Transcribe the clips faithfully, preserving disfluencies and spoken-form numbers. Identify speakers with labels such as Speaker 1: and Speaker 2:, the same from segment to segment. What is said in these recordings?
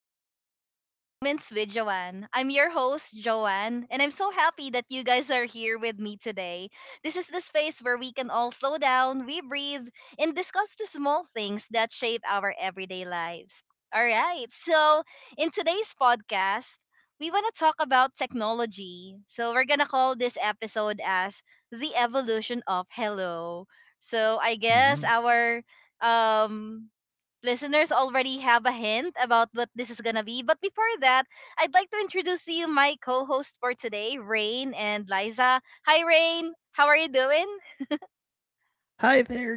Speaker 1: and welcome to Mindful Moments with Joanne. I'm your host, Joanne, and I'm so happy that you guys are here with me today. This is the space where we can all slow down, we breathe, and discuss the small things that shape our everyday lives. All right, so in today's podcast, we want to talk about technology. So we're going to call this episode as The Evolution of Hello. So I guess
Speaker 2: Mhm.
Speaker 1: our um listeners already have a hint about what this is gonna be. But before that, I'd like to introduce to you my co-host for today, Rain and Liza. Hi, Rain. How are you doing?
Speaker 2: Hi there.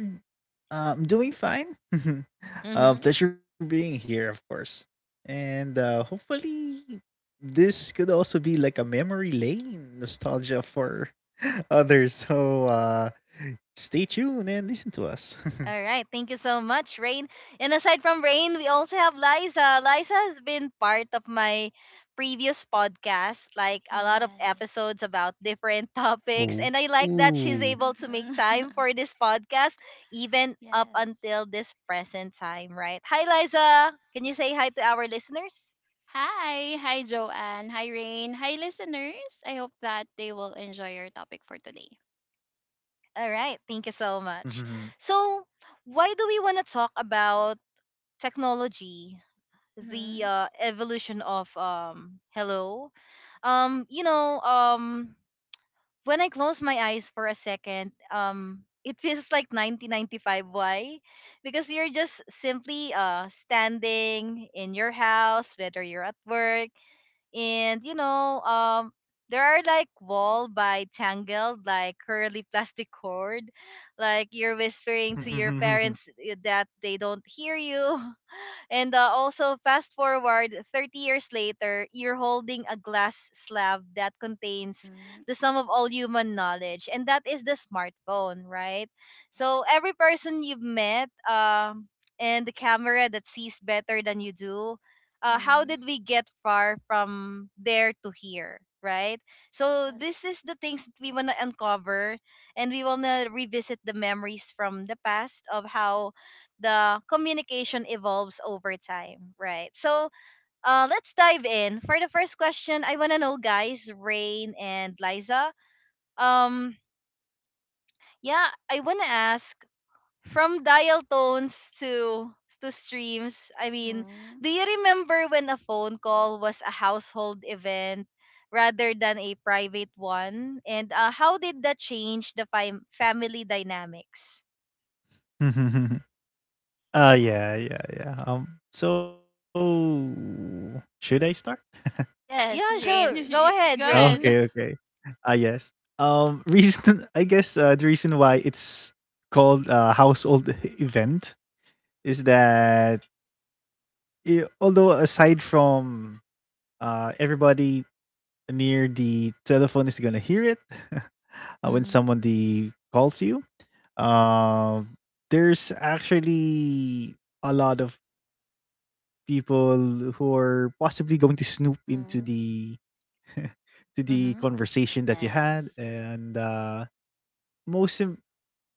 Speaker 2: Uh, I'm doing fine. Uh,
Speaker 1: Mm-hmm.
Speaker 2: pleasure being here, of course. And uh, hopefully, this could also be like a memory lane nostalgia for others. So uh, stay tuned and listen to us.
Speaker 1: All right. Thank you so much, Rain. And aside from Rain, we also have Liza. Liza has been part of my previous podcast, like a lot of
Speaker 3: Yes.
Speaker 1: episodes about different topics.
Speaker 2: Ooh.
Speaker 1: And I like that she's
Speaker 2: Ooh.
Speaker 1: able to make
Speaker 3: Mm-hmm.
Speaker 1: time for this podcast, even up
Speaker 3: Yes.
Speaker 1: until this present time, right? Hi, Liza. Can you say hi to our listeners?
Speaker 3: Hi. Hi, Joanne. Hi, Rain. Hi, listeners. I hope that they will enjoy your topic for today.
Speaker 1: All right. Thank you so much.
Speaker 2: Mhm.
Speaker 1: So, why do we want to talk about technology, the
Speaker 3: Mm-hmm.
Speaker 1: uh, evolution of um, hello? um you know um when I close my eyes for a second, um it feels like nineteen ninety-five. Why? Because you're just simply uh standing in your house, whether you're at work. And you know, um there are like wall by tangled like curly plastic cord, like you're whispering to your parents, eh, that they don't hear you. And uh, also, fast forward thirty years later, you're holding a glass slab that contains
Speaker 3: Mm-hmm.
Speaker 1: the sum of all human knowledge, and that is the smartphone, right? So every person you've met, um, and the camera that sees better than you do. Uh, how
Speaker 3: Mm-hmm.
Speaker 1: did we get far from there to here, right? So
Speaker 3: Yes.
Speaker 1: this is the things that we wanna uncover, and we wanna revisit the memories from the past of how the communication evolves over time, right? So uh, let's dive in. For the first question, I want to know, guys, Rain and Liza. Um, yeah, I want to ask from dial tones to to streams. I mean,
Speaker 3: Mm-hmm.
Speaker 1: do you remember when a phone call was a household event rather than a private one? And uh, how did that change the fam- family dynamics?
Speaker 2: Uh yeah, yeah,
Speaker 3: Yes.
Speaker 2: yeah. Um so should I start?
Speaker 3: Yes,
Speaker 1: Yeah,
Speaker 3: Rain.
Speaker 1: sure, go
Speaker 3: You, you-
Speaker 1: ahead,
Speaker 3: go
Speaker 2: Okay,
Speaker 3: ahead.
Speaker 1: Rain.
Speaker 2: okay. Ah, yes. Um, reason I guess uh, the reason why it's called a household event is that i- although aside from uh everybody near the telephone is gonna hear it uh, when
Speaker 1: Mhm.
Speaker 2: somebody calls you, uh, there's actually a lot of people who are possibly going to snoop into
Speaker 3: Mm-hmm.
Speaker 2: the to the
Speaker 1: Mhm.
Speaker 2: conversation that you had
Speaker 3: Yes.
Speaker 2: and uh most im-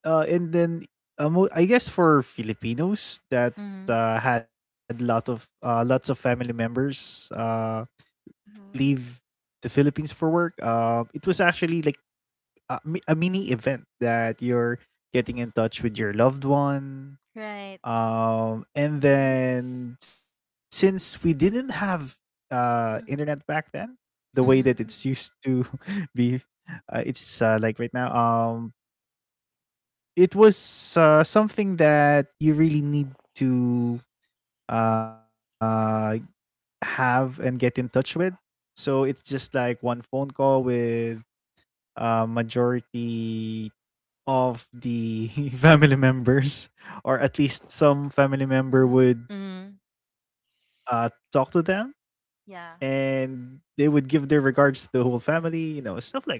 Speaker 2: uh, and then uh, mo- I guess for Filipinos that
Speaker 1: Mhm.
Speaker 2: uh, had lot of uh, lots of family members uh, leave
Speaker 3: Mm-hmm.
Speaker 2: the Philippines for work. Uh, it was actually like a, mi- a mini event that you're getting in touch with your loved one.
Speaker 1: Right.
Speaker 2: Um, and
Speaker 3: Mm-hmm.
Speaker 2: then since we didn't have uh, internet back then, the way that it's
Speaker 1: Mm-hmm.
Speaker 2: used to be, uh, it's uh, like right now. Um, it was uh, something that you really need to uh, have and get in touch with. So it's just like one phone call with uh, majority of the family members, or at least some family member
Speaker 3: Mm-hmm.
Speaker 2: would
Speaker 1: Mm.
Speaker 2: uh, talk to them,
Speaker 1: Yeah.
Speaker 2: and they would give their regards to the whole family, you know, stuff like that.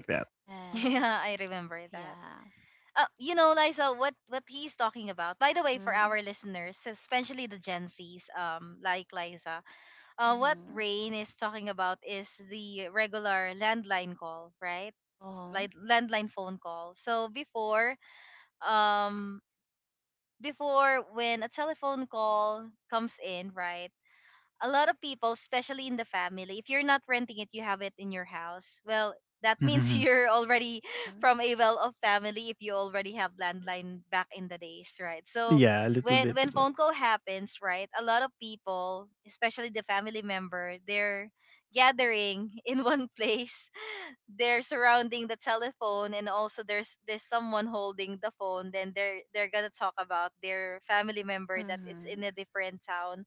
Speaker 1: Yeah,
Speaker 3: Yes.
Speaker 1: I remember that.
Speaker 3: Yeah.
Speaker 1: Uh, you know, Liza, what what he's talking about. By the way, for
Speaker 3: Mm-hmm.
Speaker 1: our listeners, especially the Gen Zs, um, like Liza, uh, what
Speaker 3: Mm-hmm.
Speaker 1: Rain is talking about is the regular landline call, right?
Speaker 3: Oh.
Speaker 1: Like landline phone call. So before, um, before when a telephone call comes in, right, a lot of people, especially in the family, if you're not renting it, you have it in your house. Well, that means
Speaker 2: Mm-hmm.
Speaker 1: you're already
Speaker 3: Mm-hmm.
Speaker 1: from a well-off family if you already have landline back in the days, right? So
Speaker 2: Yeah, a little
Speaker 1: when
Speaker 2: bit
Speaker 1: when
Speaker 2: about.
Speaker 1: phone call happens, right, a lot of people, especially the family member, they're gathering in one place. They're surrounding the telephone, and also there's there's someone holding the phone. Then they're they're gonna talk about their family member that it's
Speaker 3: Mm-hmm.
Speaker 1: in a different town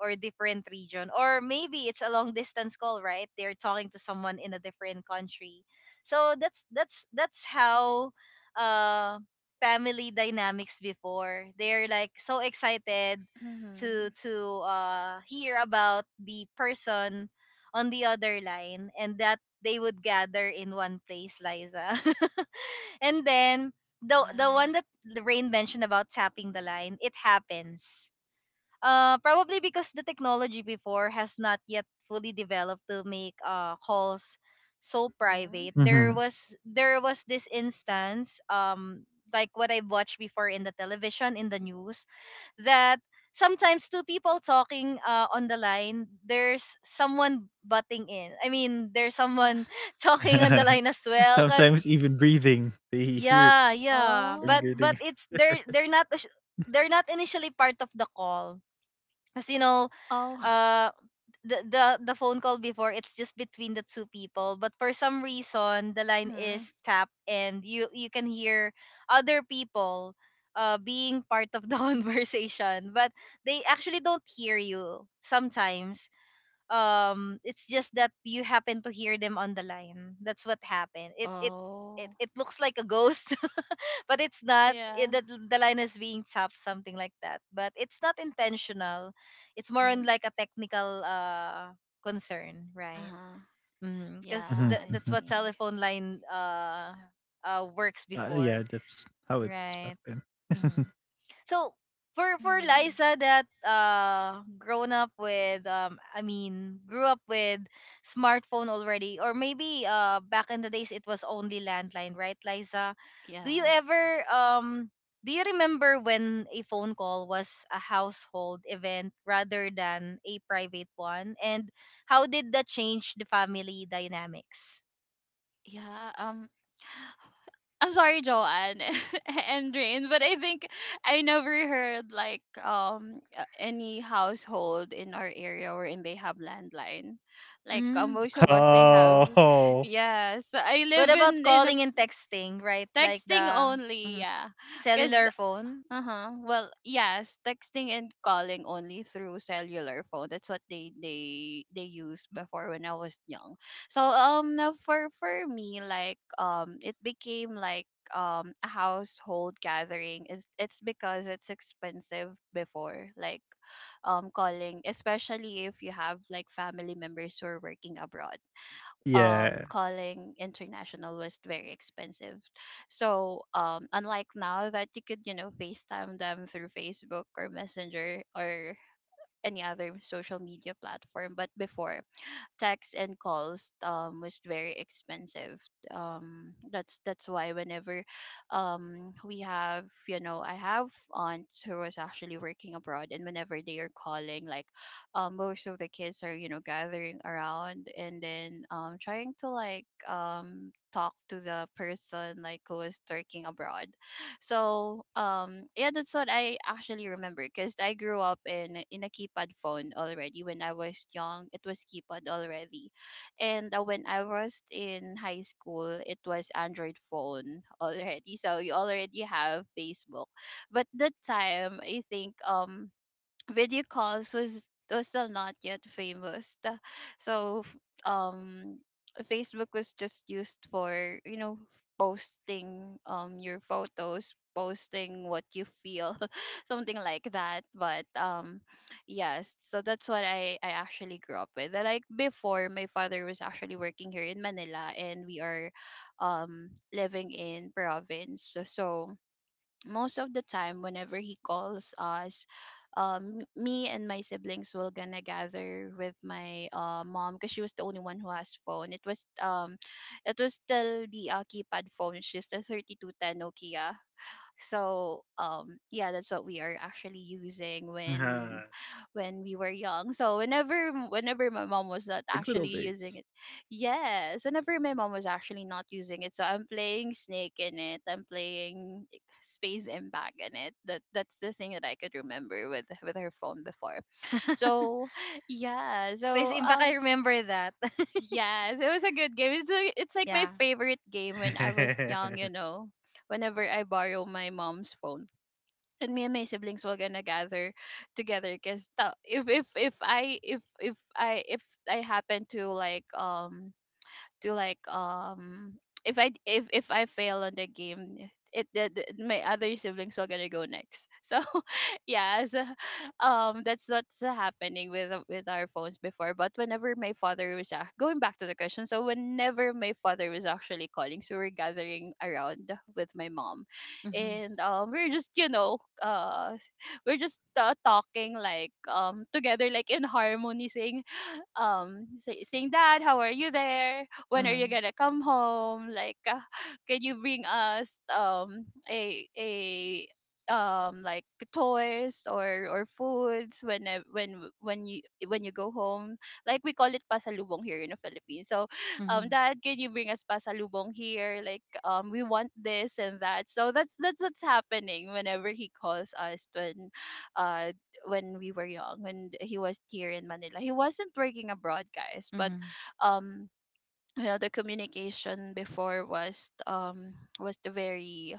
Speaker 1: or different region, or maybe it's a long distance call, right? They're talking to someone in a different country. So that's that's that's how uh family dynamics before, they're like so excited to
Speaker 3: Mm-hmm.
Speaker 1: to uh hear about the person on the other line, and that they would gather in one place, Liza. And then
Speaker 3: Yeah.
Speaker 1: the the one that Rain mentioned about tapping the line, it happens. Uh, probably because the technology before has not yet fully developed to make uh calls so
Speaker 3: Mhm.
Speaker 1: private. There was there was this instance, um like what I watched before in the television in the news, that sometimes two people talking uh, on the line, there's someone butting in. I mean, there's
Speaker 3: Yeah.
Speaker 1: someone talking on the line as well, cuz
Speaker 2: Sometimes even breathing, they hear it.
Speaker 1: yeah, yeah,
Speaker 2: Are you
Speaker 1: but
Speaker 3: Oh.
Speaker 1: but
Speaker 2: getting?
Speaker 1: it's, they're they're not, they're not initially part of the call. Because, you know,
Speaker 3: Oh.
Speaker 1: uh the the the phone call before, it's just between the two people, but for some reason the line
Speaker 3: Mhm.
Speaker 1: is tapped, and you you can hear other people uh being part of the conversation. But they actually don't hear you sometimes. Um it's just that you happen to hear them on the line. That's what happened. It it it,
Speaker 3: Oh.
Speaker 1: it looks like a ghost, but it's not. It,
Speaker 3: Yeah.
Speaker 1: the, the line is being chopped, something like that, but it's not intentional. It's more on
Speaker 3: Mhm.
Speaker 1: like a technical uh concern, right?
Speaker 3: Uh-huh. Yeah,
Speaker 1: Because
Speaker 2: Hmm,
Speaker 1: th-
Speaker 3: I
Speaker 1: that's
Speaker 2: hmm.
Speaker 1: what
Speaker 3: see.
Speaker 1: telephone line uh uh works
Speaker 2: Uh,
Speaker 1: before,
Speaker 2: yeah, that's how it was back
Speaker 1: right?
Speaker 2: then.
Speaker 1: Mm-hmm. So for for
Speaker 3: Mhm.
Speaker 1: Liza, that uh grown up with um I mean grew up with smartphone already, or maybe uh back in the days it was only landline, right, Liza? Do you
Speaker 3: Yes.
Speaker 1: ever um do you remember when a phone call was a household event rather than a private one? And how did that change the family dynamics?
Speaker 3: Yeah, um I'm sorry, Joanne, and Rain, but I think I never heard like um a- any household in our area wherein they have landline. Like uh,
Speaker 1: Mm.
Speaker 3: most of us, they have.
Speaker 2: Oh.
Speaker 3: Yes, I
Speaker 1: What
Speaker 3: live
Speaker 1: about
Speaker 3: in in a.
Speaker 1: calling and texting, right? Like
Speaker 3: Texting
Speaker 1: the
Speaker 3: only,
Speaker 1: mhm,
Speaker 3: yeah.
Speaker 1: the
Speaker 3: Cause
Speaker 1: cellular phone?
Speaker 3: uh huh. Well, yes, texting and calling only through cellular phone. That's what they they they used before when I was young. So um now for for me, like um it became like um a household gathering. Is it's because it's expensive before, like um calling, especially if you have like family members who are working abroad. Um
Speaker 2: Yeah,
Speaker 3: calling international was very expensive, so um unlike now that you could, you know, facetime them through Facebook or Messenger or any other social media platform. But before, texts and calls um was very expensive. um that's that's why whenever um we have, you know, I have aunts who was actually working abroad, and whenever they are calling, like um most of the kids are, you know, gathering around, and then um trying to like um talk to the person like who is working abroad. So um yeah, that's what I actually remember because I grew up in in a keypad phone already when I was young. It was keypad already, and uh, when I was in high school, it was Android phone already. So you already have Facebook, but that time I think um video calls was was still not yet famous. The- so f- um Facebook was just used for, you know, posting um your photos, posting what you feel, something like that. But um yes, so that's what i i actually grew up with. And, like before, my father was actually working here in Manila, and we are um living in province. So so most of the time whenever he calls us, um me and my siblings will gonna gather with my uh mom, because she was the only one who has phone. It was um it was still the uh, keypad phone. She's the thirty-two ten nokia. So um yeah, that's what we are actually using when
Speaker 2: ah,
Speaker 3: when we were young. So whenever m- whenever my mom
Speaker 2: the
Speaker 3: was
Speaker 2: good
Speaker 3: not
Speaker 2: old
Speaker 3: actually
Speaker 2: days.
Speaker 3: using it, yes, whenever my mom was actually not using it, so I'm playing snake in it, I'm playing space impact in it. That that's the thing that I could remember with with her phone before. So yeah,
Speaker 1: Space
Speaker 3: so
Speaker 1: Impact,
Speaker 3: um
Speaker 1: I remember that.
Speaker 3: yes, it was a good game. It's, a, it's like my
Speaker 1: Yeah.
Speaker 3: favorite game when I was young, you know, whenever I borrow my mom's phone, and me and my siblings will gonna gather together. Because if if if I if if I if I happen to like, um to like um if I if if I fail on the game, it the, the- my other siblings were gonna go next. So yeah, so, um that's what's happening with with our phones before. But whenever my father was ac- going back to the question, so whenever my father was actually calling, so we're gathering around with my mom,
Speaker 1: Mhm.
Speaker 3: and um we're just, you know, uh we're just uh, talking like um together like in harmony, saying um say, saying dad, how are you there, when are you
Speaker 1: Mhm.
Speaker 3: gonna come home, like uh, can you bring us um a a, um like toys or or foods when uh, when when you when you go home. Like we call it pasalubong here in the Philippines. So um
Speaker 1: Mhm.
Speaker 3: dad, can you bring us pasalubong here, like um we want this and that? So that's that's what's happening whenever he calls us when uh when we were young, when he was here in Manila. He wasn't working abroad, guys. But
Speaker 1: Mhm.
Speaker 3: um you know, the communication before was um was the very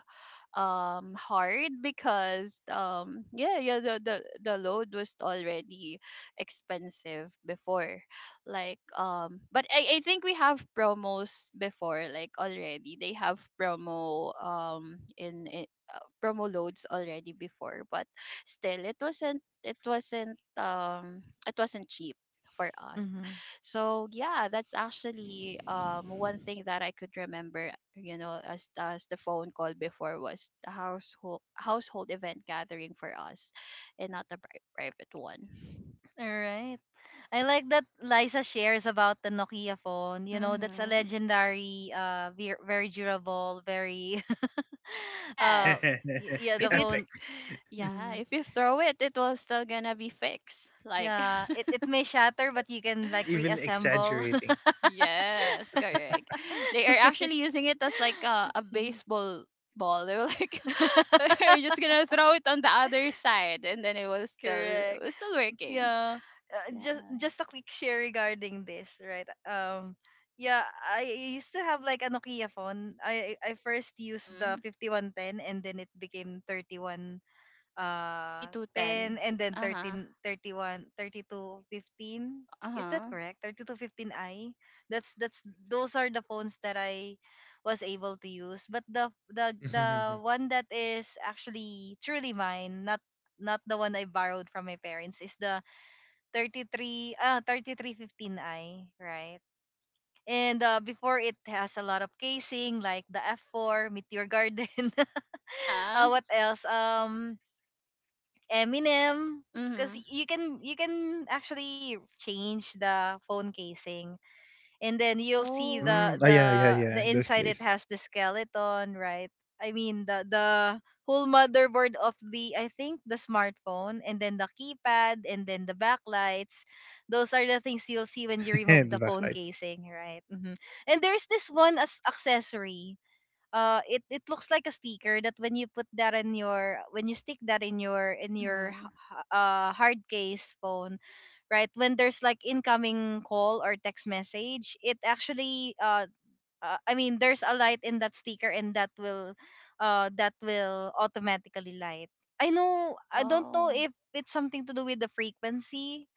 Speaker 3: um hard, because um yeah, yeah, the the, the load was already expensive before. Like um but I, I think we have promos before, like already they have promo um in, in, uh, promo loads already before, but still it wasn't it wasn't um it wasn't cheap for us.
Speaker 1: Mhm.
Speaker 3: So yeah, that's actually um one thing that I could remember, you know, as as the phone call before was the household household event gathering for us, and not the pri- private one.
Speaker 1: All right. I like that Liza shares about the Nokia phone. You know, that's a
Speaker 3: Mm-hmm.
Speaker 1: legendary, uh, ver- very durable, very, uh,
Speaker 3: Yes,
Speaker 1: y- yeah,
Speaker 3: if
Speaker 1: the
Speaker 3: you,
Speaker 1: phone.
Speaker 2: Epic.
Speaker 3: yeah,
Speaker 1: Mm,
Speaker 3: if you throw it, it will still gonna be fixed. Like,
Speaker 1: yeah, it it may shatter, but you can like
Speaker 2: And you're not even
Speaker 1: reassemble.
Speaker 2: exaggerating.
Speaker 3: yes, correct. They are actually using it as like a, a baseball ball. They were like, we're just gonna throw it on the other side, and then it was still it
Speaker 1: Correct.
Speaker 3: was still working.
Speaker 1: Yeah, uh,
Speaker 3: Yes.
Speaker 1: just just a quick share regarding this, right? Um, yeah, I used to have like a Nokia phone. I I first used
Speaker 3: Mm-hmm.
Speaker 1: the fifty one ten, and then it became thirty one uh
Speaker 3: Thirty-two ten.
Speaker 1: ten, and then
Speaker 3: Uh huh.
Speaker 1: thirteen thirty one thirty two fifteen.
Speaker 3: Uh
Speaker 1: Is that
Speaker 3: huh.
Speaker 1: correct? Thirty two fifteen I. That's that's those are the phones that I was able to use. But the the the one that is actually truly mine, not not the one I borrowed from my parents, is the thirty-three ah thirty-three fifteen i, right? And uh, before, it has a lot of casing like the F four, Meteor Garden.
Speaker 3: Uh
Speaker 1: uh,
Speaker 3: huh.
Speaker 1: what else? Um Eminem, because
Speaker 3: Mm-hmm.
Speaker 1: you can you can actually change the phone casing, and then you'll see
Speaker 3: Oh.
Speaker 1: the
Speaker 2: Mm, oh,
Speaker 1: the
Speaker 2: yeah,
Speaker 1: the
Speaker 2: yeah, yeah.
Speaker 1: inside it
Speaker 2: Those
Speaker 1: has the
Speaker 2: days.
Speaker 1: skeleton, right? I mean, the the whole motherboard of the, I think, the smartphone, and then the keypad and then the backlights. Those are the things you'll see when you
Speaker 2: The
Speaker 1: remove the
Speaker 2: backlights.
Speaker 1: phone casing, right? Hmm. And there's this one as accessory. Uh it, it looks like a sticker that when you put that in your, when you stick that in your in your
Speaker 3: Mm-hmm.
Speaker 1: h- h- uh hard case phone, right? When there's like incoming call or text message, it actually uh, uh I mean, there's a light in that sticker, and that will uh that will automatically light. I know, I don't know
Speaker 3: Oh.
Speaker 1: if it's something to do with the frequency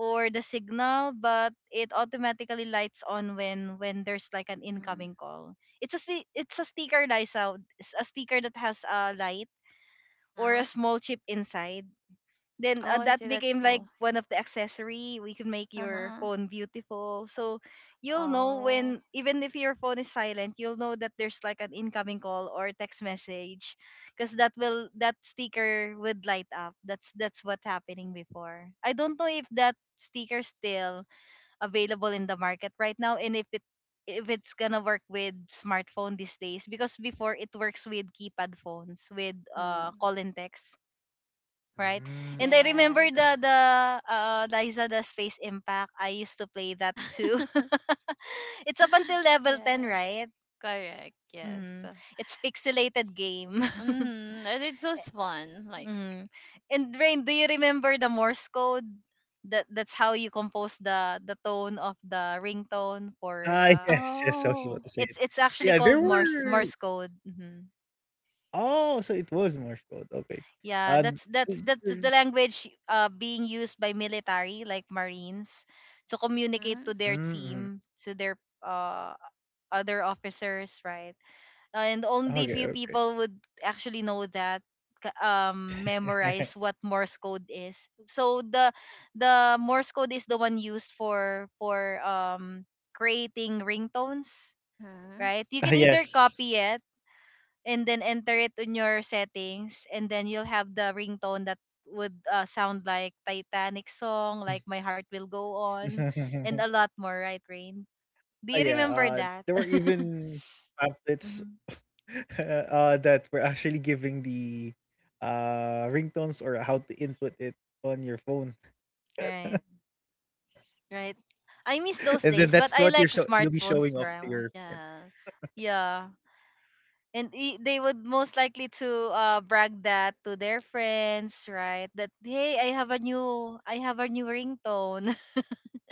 Speaker 1: or the signal, but it automatically lights on when when there's like an
Speaker 3: Mm-hmm.
Speaker 1: incoming call. It's a sti- it's a sticker, Liza. It's a sticker that has a light or a
Speaker 3: Uh-huh.
Speaker 1: small chip inside. Then
Speaker 3: Oh,
Speaker 1: uh,
Speaker 3: I
Speaker 1: that
Speaker 3: see. That's
Speaker 1: became like
Speaker 3: cool.
Speaker 1: one of the accessory. We can make your
Speaker 3: Uh-huh.
Speaker 1: phone beautiful, so you'll know
Speaker 3: Oh.
Speaker 1: when, even if your phone is silent, you'll know that there's like an incoming call or text message, because that will, that sticker would light up. That's that's what happening before. I don't know if that sticker still available in the market right now, and if it, if it's gonna work with smartphone these days, because before it works with keypad phones with uh
Speaker 3: Mm-hmm.
Speaker 1: call and text, right? And I remember
Speaker 3: Yes.
Speaker 2: Mm.
Speaker 1: the the uh Liza, the Space Impact. I used to play that
Speaker 3: Yeah.
Speaker 1: too. It's up until level ten,
Speaker 3: Yeah.
Speaker 1: right?
Speaker 3: Correct. Yes.
Speaker 1: Mm-hmm.
Speaker 3: Uh,
Speaker 1: It's pixelated game.
Speaker 3: Mm-hmm. And it's so fun. Like,
Speaker 1: Mm. And Rain, do you remember the Morse code? That that's how you compose the the tone of the ringtone for
Speaker 2: Ah,
Speaker 1: the,
Speaker 2: yes, yes. I was
Speaker 3: oh.
Speaker 2: about to say it.
Speaker 1: it's it's actually
Speaker 2: Yeah,
Speaker 1: called
Speaker 2: there
Speaker 1: Morse Morse
Speaker 2: were
Speaker 1: code. Mhm.
Speaker 2: oh, so it was Morse code, okay.
Speaker 1: Yeah,
Speaker 2: Uh,
Speaker 1: that's that's
Speaker 2: d-
Speaker 1: that's
Speaker 2: d-
Speaker 1: the language uh being used by military like Marines to
Speaker 2: mm, mm.
Speaker 1: communicate
Speaker 3: Mm-hmm.
Speaker 1: to their team, to their uh other officers, right? And only
Speaker 2: Okay,
Speaker 1: few people would actually know that, k- um
Speaker 2: okay.
Speaker 1: memorize what Morse code is. So the the Morse code is the one used for for um creating ringtones,
Speaker 3: Mm-hmm.
Speaker 2: Ah,
Speaker 1: right? You can either
Speaker 2: yes.
Speaker 1: copy it and then enter it in your settings, and then you'll have the ringtone that would uh, sound like Titanic song, like My Heart Will Go On, and a lot more, right,
Speaker 2: Ah,
Speaker 1: Rain?
Speaker 2: yeah, uh,
Speaker 1: Do you
Speaker 2: there were
Speaker 1: remember that?
Speaker 2: even
Speaker 3: Yeah.
Speaker 2: pamphlets,
Speaker 1: Mhm.
Speaker 2: uh, that were actually giving the, uh, ringtones or how to input it on your phone,
Speaker 1: Right, right.
Speaker 2: and then
Speaker 1: I
Speaker 2: that's
Speaker 1: miss
Speaker 2: what you're
Speaker 1: those
Speaker 2: show
Speaker 1: days, but
Speaker 2: you'll be
Speaker 1: I like
Speaker 2: showing off to your
Speaker 1: smartphones
Speaker 2: friends.
Speaker 1: now.
Speaker 3: Yes.
Speaker 1: Yeah. And i- they would most likely to uh, brag that to their friends, right? That hey, I have a new, I have a new ringtone.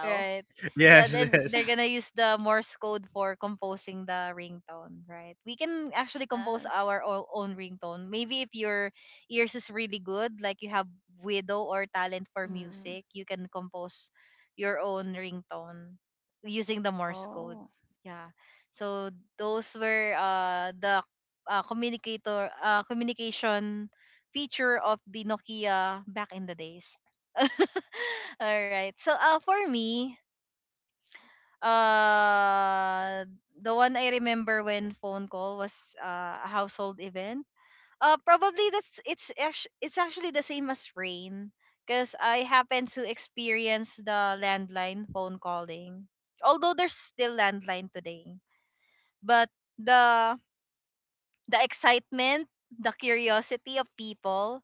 Speaker 1: right. Yeah,
Speaker 2: Yes,
Speaker 1: then
Speaker 2: yes.
Speaker 1: they're gonna use the Morse code for composing the ringtone, right? We can actually compose
Speaker 3: Yes.
Speaker 1: our o- own ringtone. Maybe if your ears is really good, like you have widow or talent for
Speaker 3: Mm-hmm.
Speaker 1: music, you can compose your own ringtone using the Morse code.
Speaker 3: Oh.
Speaker 1: Yeah. So those were uh the uh, communicator uh, communication feature of the Nokia back in the days. All right. So uh for me, uh the one I remember when phone call was uh, a household event. Uh probably that's it's actu- it's actually the same as Rain, because I happened to experience the landline phone calling. Although there's still landline today, but the the excitement, the curiosity of people,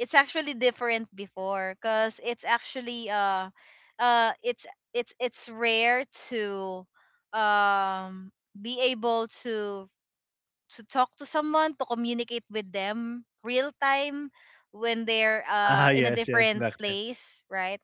Speaker 1: it's actually different before, because it's actually uh uh it's it's it's rare to um be able to to talk to someone, to communicate with them real time when they're
Speaker 2: Ah,
Speaker 1: uh in a
Speaker 2: yes, yes,
Speaker 1: different
Speaker 2: back then.
Speaker 1: place, right?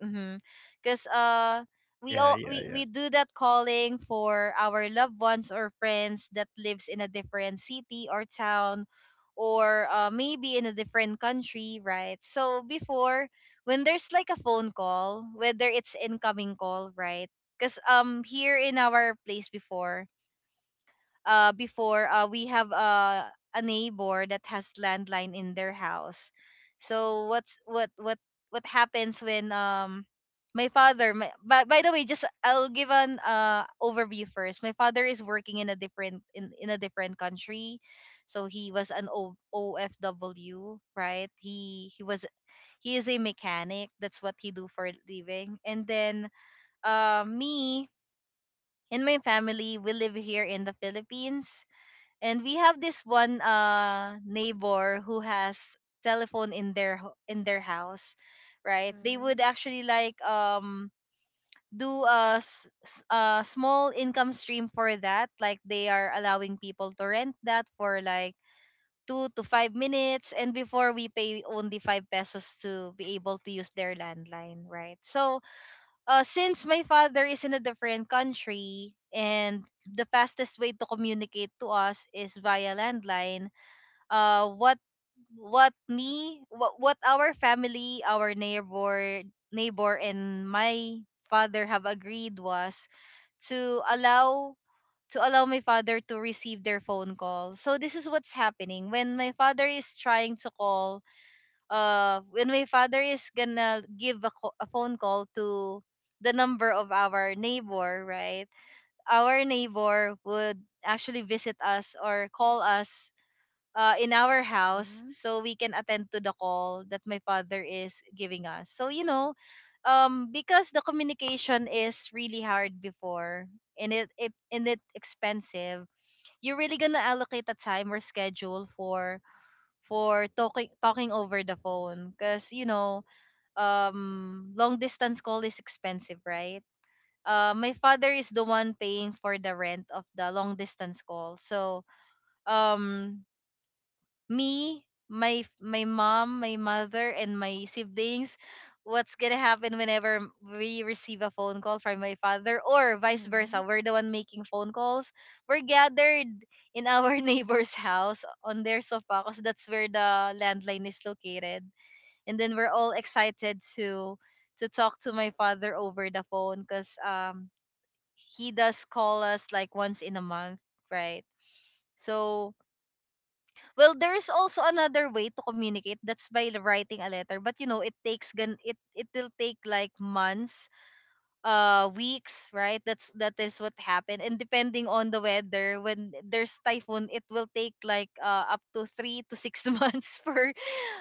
Speaker 1: Because uh
Speaker 2: Yeah, yeah, yeah.
Speaker 1: we all, we, we do that calling for our loved ones or friends that lives in a different city or town, or uh, maybe in a different country, right? So before, when there's like a phone call, whether it's incoming call, right? Because um here in our place before, uh before uh we have uh, a neighbor that has landline in their house. So what's what what what happens when um my father, my, by, by the way, just I'll give an uh overview first. My father is working in a different, in, in a different country. So he was an o, ofw, right, he he was he is a mechanic. That's what he do for a living. And then uh, me and my family, we live here in the Philippines, and we have this one uh neighbor who has telephone in their ho- in their house, right? They
Speaker 3: Mm-hmm.
Speaker 1: would actually like um do a, s- s- a small income stream for that. Like, they are allowing people to rent that for like two to five minutes, and before we pay only five pesos to be able to use their landline, right? So uh, since my father is in a different country and the fastest way to communicate to us is via landline, uh what what me what what our family, our neighbor neighbor and my father have agreed was to allow to allow my father to receive their phone call. So this is what's happening when my father is trying to call, uh when my father is gonna give a, co- a phone call to the number of our neighbor, right? Our neighbor would actually visit us or call us uh, in our house
Speaker 3: Mm-hmm.
Speaker 1: so we can attend to the call that my father is giving us. So, you know, um, because the communication is really hard before, and it, it and it expensive, you're really gonna allocate a time or schedule for for talking talking over the phone. Because you know um long distance call is expensive, right? Uh my father is the one paying for the rent of the long distance call. So um me, my f- my mom, my mother, and my siblings, what's gonna happen whenever m- we receive a phone call from my father, or vice
Speaker 3: Mm-hmm.
Speaker 1: versa? We're the one making phone calls. We're gathered in our neighbor's house on their sofa, because that's where the landline is located, and then we're all excited to to talk to my father over the phone, because um he does call us like once in a month, right? So, well, there is also another way to communicate. That's by l- writing a letter. But, you know, it takes gan it it will take like months, uh, weeks, right? That's that is what happened. And depending on the weather, when there's typhoon, it will take like uh up to three to six months for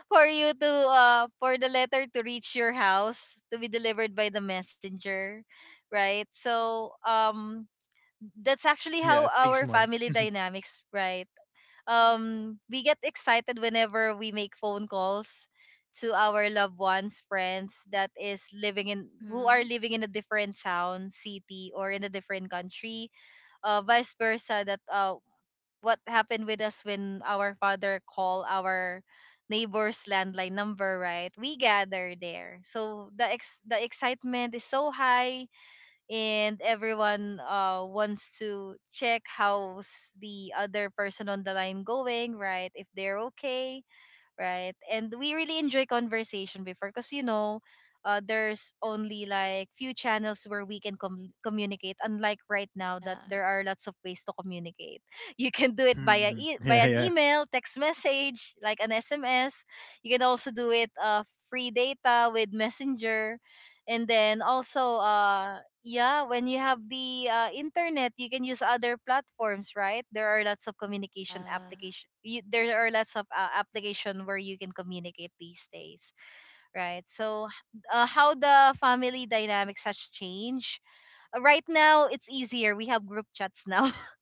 Speaker 1: for you to uh for the letter to reach your house, to be delivered by the messenger, right? So um that's actually
Speaker 2: Yeah, it
Speaker 1: how
Speaker 2: takes
Speaker 1: our
Speaker 2: months.
Speaker 1: family dynamics, right? Um we get excited whenever we make phone calls to our loved ones, friends that is living in who are
Speaker 3: Mm-hmm.
Speaker 1: living in a different town, city, or in a different country, uh vice versa, that uh what happened with us when our father called our neighbor's landline number, right? We gather there, so the ex the excitement is so high, and everyone uh wants to check how's the other person on the line going, right, if they're okay, right? And we really enjoy conversation before, because, you know uh, there's only like few channels where we can com- communicate, unlike right now that there
Speaker 3: Yes.
Speaker 1: are lots of ways to communicate. You can do it via
Speaker 2: Mhm.
Speaker 1: e- by
Speaker 2: Yeah,
Speaker 1: an
Speaker 2: yeah.
Speaker 1: email, text message, like an S M S. You can also do it uh, free data with messenger, and then also uh yeah, when you have the uh, internet, you can use other platforms, right? There are lots of communication
Speaker 3: Yeah.
Speaker 1: application. You, there are lots of uh, application where you can communicate these days, right? So, h- uh, how the family dynamics has changed. Uh, right now, it's easier. We have group chats now.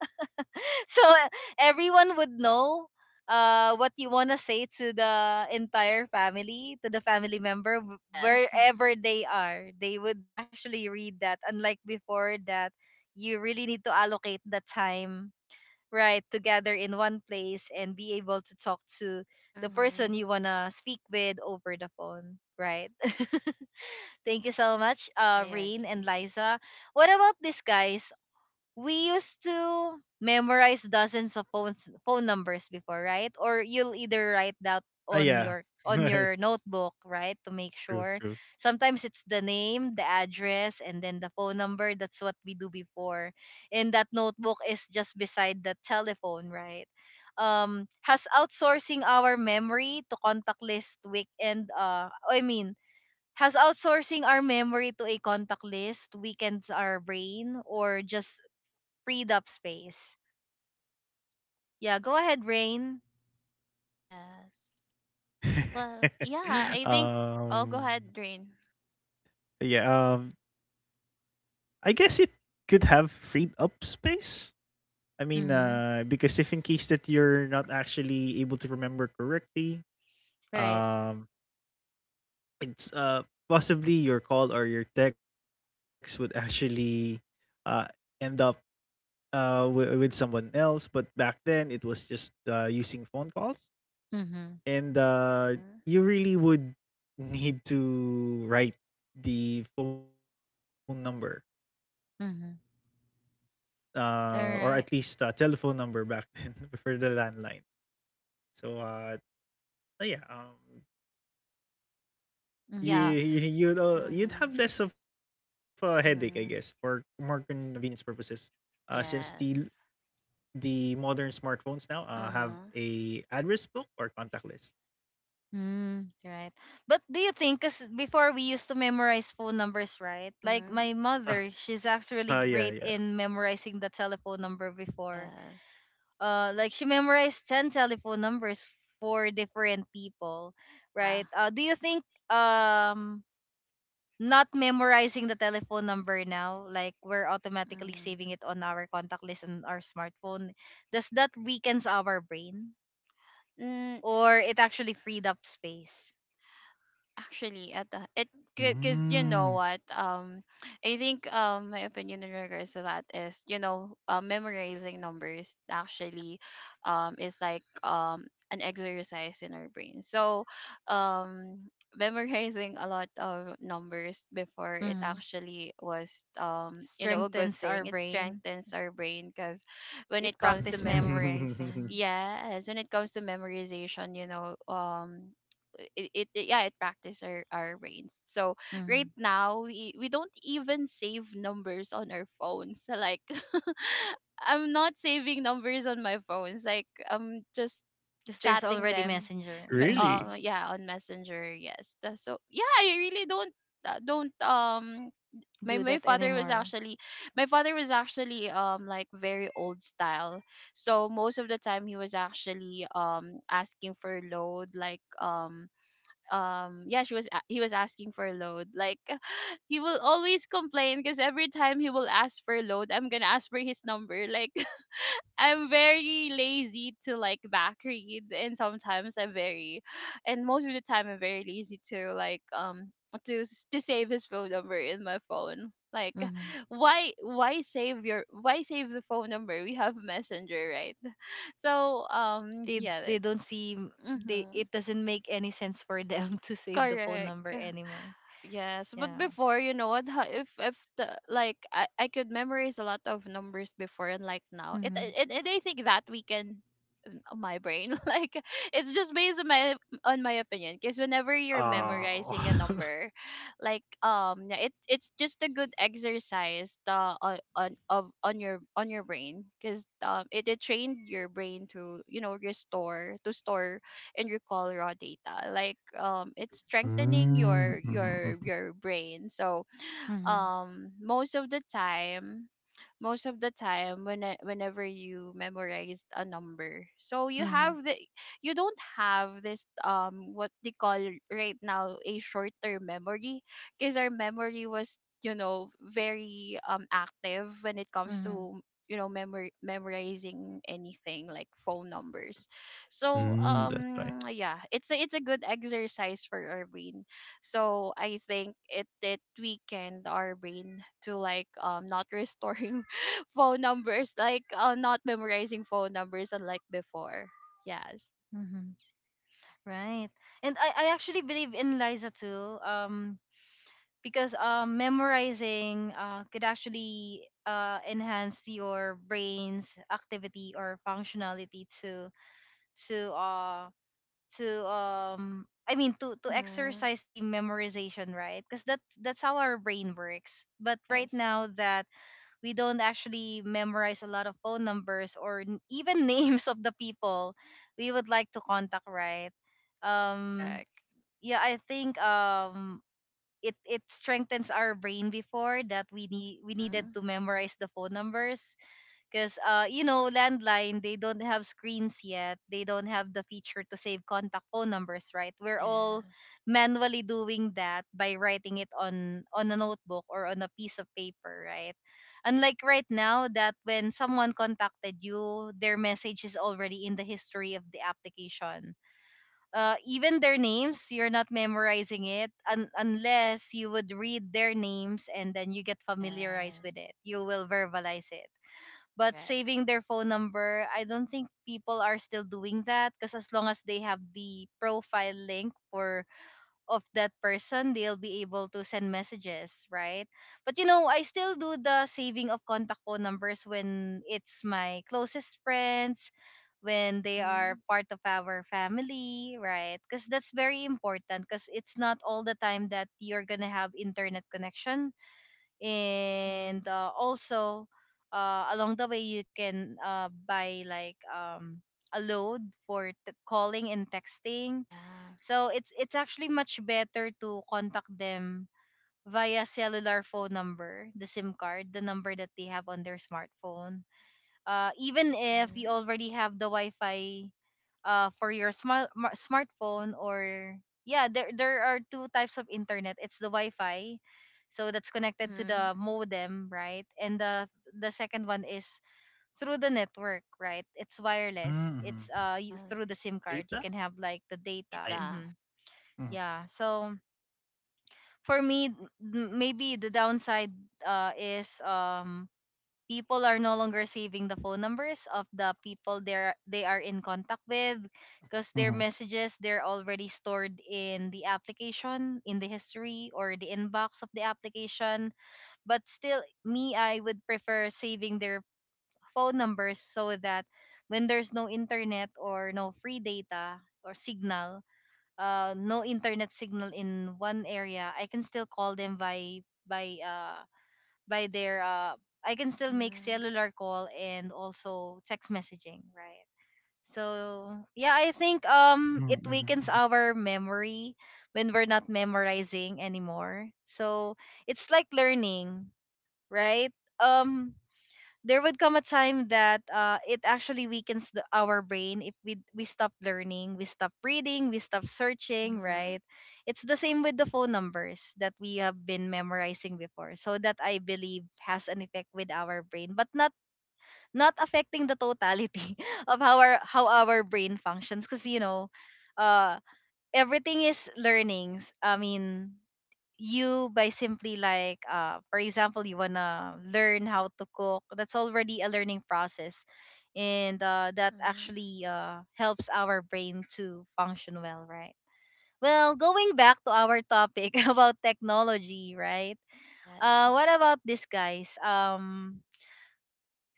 Speaker 1: so uh, everyone would know uh what you want to say to the entire family, to the family member, wh-
Speaker 3: Yes.
Speaker 1: wherever they are, they would actually read that, unlike before that you really need to allocate the time, right, together in one place and be able to talk to the person
Speaker 3: Mm-hmm.
Speaker 1: you want to speak with over the phone, right? Thank you so much, uh
Speaker 3: I
Speaker 1: Rain and
Speaker 3: agree.
Speaker 1: Liza. What about this, guys? We used to memorize dozens of phone phone numbers before, right? Or you'll either write that
Speaker 2: Uh,
Speaker 1: on
Speaker 2: yeah.
Speaker 1: your on
Speaker 2: True,
Speaker 1: your notebook, right, to make sure.
Speaker 2: true.
Speaker 1: Sometimes it's the name, the address, and then the phone number. That's what we do before. And that notebook is just beside the telephone, right? Um, has outsourcing our memory to contact list weekend. Uh, I mean, has outsourcing our memory to a contact list weakens our brain, or just freed up space? Yeah, go ahead, Rain.
Speaker 3: Yes. Well, yeah, I think I'll go
Speaker 2: Um,
Speaker 3: ahead, Drain.
Speaker 2: yeah, um, I guess it could have freed up space. I mean, uh,
Speaker 1: Mm-hmm.
Speaker 2: because if in case that you're not actually able to remember correctly,
Speaker 1: Right.
Speaker 2: um, it's uh possibly your call or your text would actually uh end up uh w- with someone else. But back then, it was just uh using phone calls.
Speaker 1: Mm-hmm.
Speaker 2: and uh,
Speaker 3: mm
Speaker 2: you really would need to write the phone number,
Speaker 1: Mm-hmm.
Speaker 2: uh, or
Speaker 1: All
Speaker 2: at least
Speaker 1: right.
Speaker 2: a telephone number back then for the landline. So uh, so yeah, um, you
Speaker 1: Mm-hmm.
Speaker 3: Yeah.
Speaker 2: you- you'd uh, you'd
Speaker 3: Mm-hmm.
Speaker 2: have less of a headache, I guess, for
Speaker 3: Mm-hmm.
Speaker 2: more convenience purposes, uh, since the
Speaker 3: Yes.
Speaker 2: the modern smartphones now uh, have
Speaker 3: Uh-huh.
Speaker 2: a address book or contact list.
Speaker 1: Mm, right. But do you think, because before we used to memorize phone numbers, right? Like
Speaker 3: Mhm.
Speaker 1: my mother,
Speaker 2: Uh,
Speaker 1: she's
Speaker 2: yeah, yeah.
Speaker 1: actually great in memorizing the telephone number before.
Speaker 3: Yes.
Speaker 1: Uh, like she memorized ten telephone numbers for different people,
Speaker 3: Yeah.
Speaker 1: right? Uh, do you think um not memorizing the telephone number now, like we're automatically
Speaker 3: Mm.
Speaker 1: saving it on our contact list on our smartphone, does that weakens our brain,
Speaker 3: Mm,
Speaker 1: or it actually freed up space?
Speaker 3: actually, at the it because you know
Speaker 2: Mm.
Speaker 3: what, um I think um my opinion in regards to that is, you know, uh, memorizing numbers actually um is like um an exercise in our brain. So um memorizing a lot of numbers before, it
Speaker 1: Hmm.
Speaker 3: actually was, um you know, a good
Speaker 1: Strengthens our
Speaker 3: thing. It
Speaker 1: brain.
Speaker 3: strengthens our brain because when it
Speaker 1: It
Speaker 3: comes to
Speaker 1: practice
Speaker 3: memory.
Speaker 1: memorizing.
Speaker 3: Yes, when it comes to memorization, you know, um, it, it, it, yeah, it practice our, our brains. So
Speaker 1: Because
Speaker 3: right now, we, we don't even save numbers on our phones. So, like, I'm not saving numbers on my phones. Like, I'm just
Speaker 1: there's
Speaker 3: chatting
Speaker 1: already
Speaker 3: them,
Speaker 1: messenger.
Speaker 3: me-
Speaker 2: Really?
Speaker 3: uh, yeah, on Messenger. Yes. Tha- So yeah, I really don't uh, don't um my
Speaker 1: Do
Speaker 3: my
Speaker 1: that
Speaker 3: father was
Speaker 1: anymore.
Speaker 3: actually my father was actually um like very old style. So most of the time he was actually um asking for load, like um um yeah, she was a- he was asking for load, like he will always complain because every time he will ask for load, I'm gonna ask for his number, like I'm very lazy to like back read, and sometimes I'm very, and most of the time I'm very lazy to like um to s- to save his phone number in my phone. Like,
Speaker 1: Hmm.
Speaker 3: why why save your, why save the phone number? We have messenger, right? So um
Speaker 1: they
Speaker 3: yeah that,
Speaker 1: they don't see m-. They,
Speaker 3: mm-hmm.
Speaker 1: it doesn't make any sense for them to save the phone
Speaker 3: Correct.
Speaker 1: number anymore.
Speaker 3: Yes, but
Speaker 1: Yeah.
Speaker 3: before, you know what? ha- If if the, like I, I could memorize a lot of numbers before, and like now, it,
Speaker 1: Mm-hmm.
Speaker 3: it and I think that we can my brain. Like it's just based on my, on my opinion. Because whenever you're
Speaker 1: Mm-hmm.
Speaker 3: memorizing a
Speaker 2: Oh.
Speaker 3: number, like um, yeah, it it's just a good exercise uh, on on of on your on your brain. Because um, it, it trained your brain to, you know, restore to store and recall raw data. Like um, it's strengthening your
Speaker 2: Mm, mhm,
Speaker 3: your
Speaker 2: mhm.
Speaker 3: your brain. So
Speaker 1: Mm-hmm.
Speaker 3: um, most of the time most of the time when whenever you memorized a number, so you
Speaker 1: Mm-hmm.
Speaker 3: have the you don't have this um what they call right now, a short term memory, because our memory was, you know, very um active when it comes
Speaker 1: Mm-hmm.
Speaker 3: to, you know, memor- memorizing anything like phone numbers. So
Speaker 2: Mm, that's
Speaker 3: um
Speaker 2: right.
Speaker 3: yeah, it's a, it's a good exercise for our brain. So I think it did weakened our brain to like um not restoring phone numbers, like uh, not memorizing phone numbers unlike before. Yes.
Speaker 1: Mm-hmm. Right. And I, I actually believe in Liza too. Um, because um, memorizing uh, could actually uh, enhance your brain's activity or functionality to to uh to um I mean, to to
Speaker 3: Mm-hmm.
Speaker 1: exercise the memorization, right? Because that's that's how our brain works. But right
Speaker 3: Yes.
Speaker 1: now that we don't actually memorize a lot of phone numbers or n- even names of the people we would like to contact, right? um
Speaker 3: Correct.
Speaker 1: yeah, I think um it it strengthens our brain before, that we need we needed
Speaker 3: Mm-hmm.
Speaker 1: to memorize the phone numbers because, uh, you know, landline, they don't have screens yet. They don't have the feature to save contact phone numbers, right? We're all
Speaker 3: Yes.
Speaker 1: manually doing that by writing it on, on a notebook or on a piece of paper, right? Unlike right now, that when someone contacted you, their message is already in the history of the application. Uh, even their names, you're not memorizing it, un- unless you would read their names and then you get familiarized
Speaker 3: Yes.
Speaker 1: with it. You will verbalize it, but
Speaker 3: Correct.
Speaker 1: saving their phone number, I don't think people are still doing that, because as long as they have the profile link for of that person, they'll be able to send messages, right? But, you know, I still do the saving of contact phone numbers when it's my closest friends, when they
Speaker 3: Mm-hmm.
Speaker 1: are part of our family, right? Because that's very important, because it's not all the time that you're going to have internet connection and
Speaker 3: Mm-hmm.
Speaker 1: uh, also uh, along the way you can uh, buy like um, a load for t- calling and texting.
Speaker 3: Yeah.
Speaker 1: So it's it's actually much better to contact them via cellular phone number, the sim card, the number that they have on their smartphone, uh, even if you
Speaker 3: Mm-hmm.
Speaker 1: already have the Wi-Fi uh, for your smart smartphone. Or yeah, there there are two types of internet. It's the Wi-Fi, so that's connected to
Speaker 3: Mm-hmm.
Speaker 1: the modem, right? And the the second one is through the network, right? It's wireless. It's
Speaker 2: Mhm.
Speaker 1: uh
Speaker 3: Uh,
Speaker 1: you- through the SIM card. You can
Speaker 2: Pizza?
Speaker 1: have like the data.
Speaker 2: Ah, yeah.
Speaker 3: data.
Speaker 1: Mm-hmm.
Speaker 2: Mhm.
Speaker 1: Yeah. So for me, m- maybe the downside uh is um people are no longer saving the phone numbers of the people they're they are in contact with, because their
Speaker 2: Mhm.
Speaker 1: messages, they're already stored in the application, in the history or the inbox of the application. But still, me, I would prefer saving their phone numbers so that when there's no internet or no free data or signal, uh, no internet signal in one area, I can still call them by by uh, by their uh I can still make
Speaker 3: Mm-hmm.
Speaker 1: cellular call and also text messaging, right? So yeah, I think um it
Speaker 2: Mhm,
Speaker 1: weakens
Speaker 2: mhm,
Speaker 1: our memory when we're not memorizing anymore. So it's like learning, right? Um there would come a time that uh, it actually weakens the, our brain if we we stop learning, we stop reading, we stop searching,
Speaker 3: Mm-hmm.
Speaker 1: right? It's the same with the phone numbers that we have been memorizing before. So that I believe has an effect with our brain, but not not affecting the totality of how our how our brain functions, because you know uh everything is learnings. I mean, you, by simply, like, uh for example, you wanna learn how to cook, that's already a learning process. And uh, that
Speaker 3: Mm-hmm.
Speaker 1: actually uh, helps our brain to function well, right? Well, going back to our topic about technology, right?
Speaker 3: Yes.
Speaker 1: Uh what about this, guys? um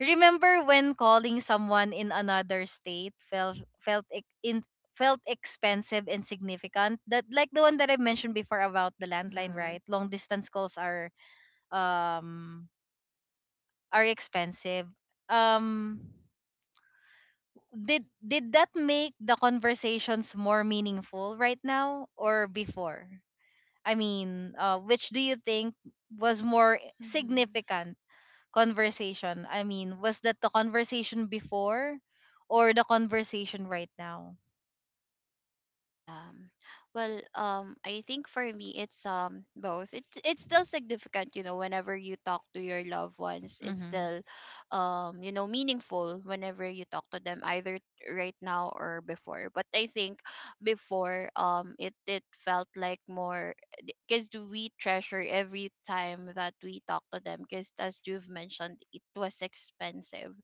Speaker 1: Remember when calling someone in another state felt felt ex- in felt expensive and significant, that, like the one that I mentioned before about the landline,
Speaker 3: Mm-hmm.
Speaker 1: right? Long distance calls are um are expensive. Um did did that make the conversations more meaningful, right now or before? I mean, uh which do you think was more
Speaker 3: Mm-hmm.
Speaker 1: significant? Conversation, I mean, was that the conversation before or the conversation right now?
Speaker 3: Yeah. Well, um, I think for me it's um both. It's it's still significant, you know, whenever you talk to your loved ones, it's
Speaker 1: Mhm.
Speaker 3: still um, you know, meaningful whenever you talk to them either right now or before. But I think before um it it felt like more, because we treasure every time that we talk to them, because as you've mentioned, it was expensive.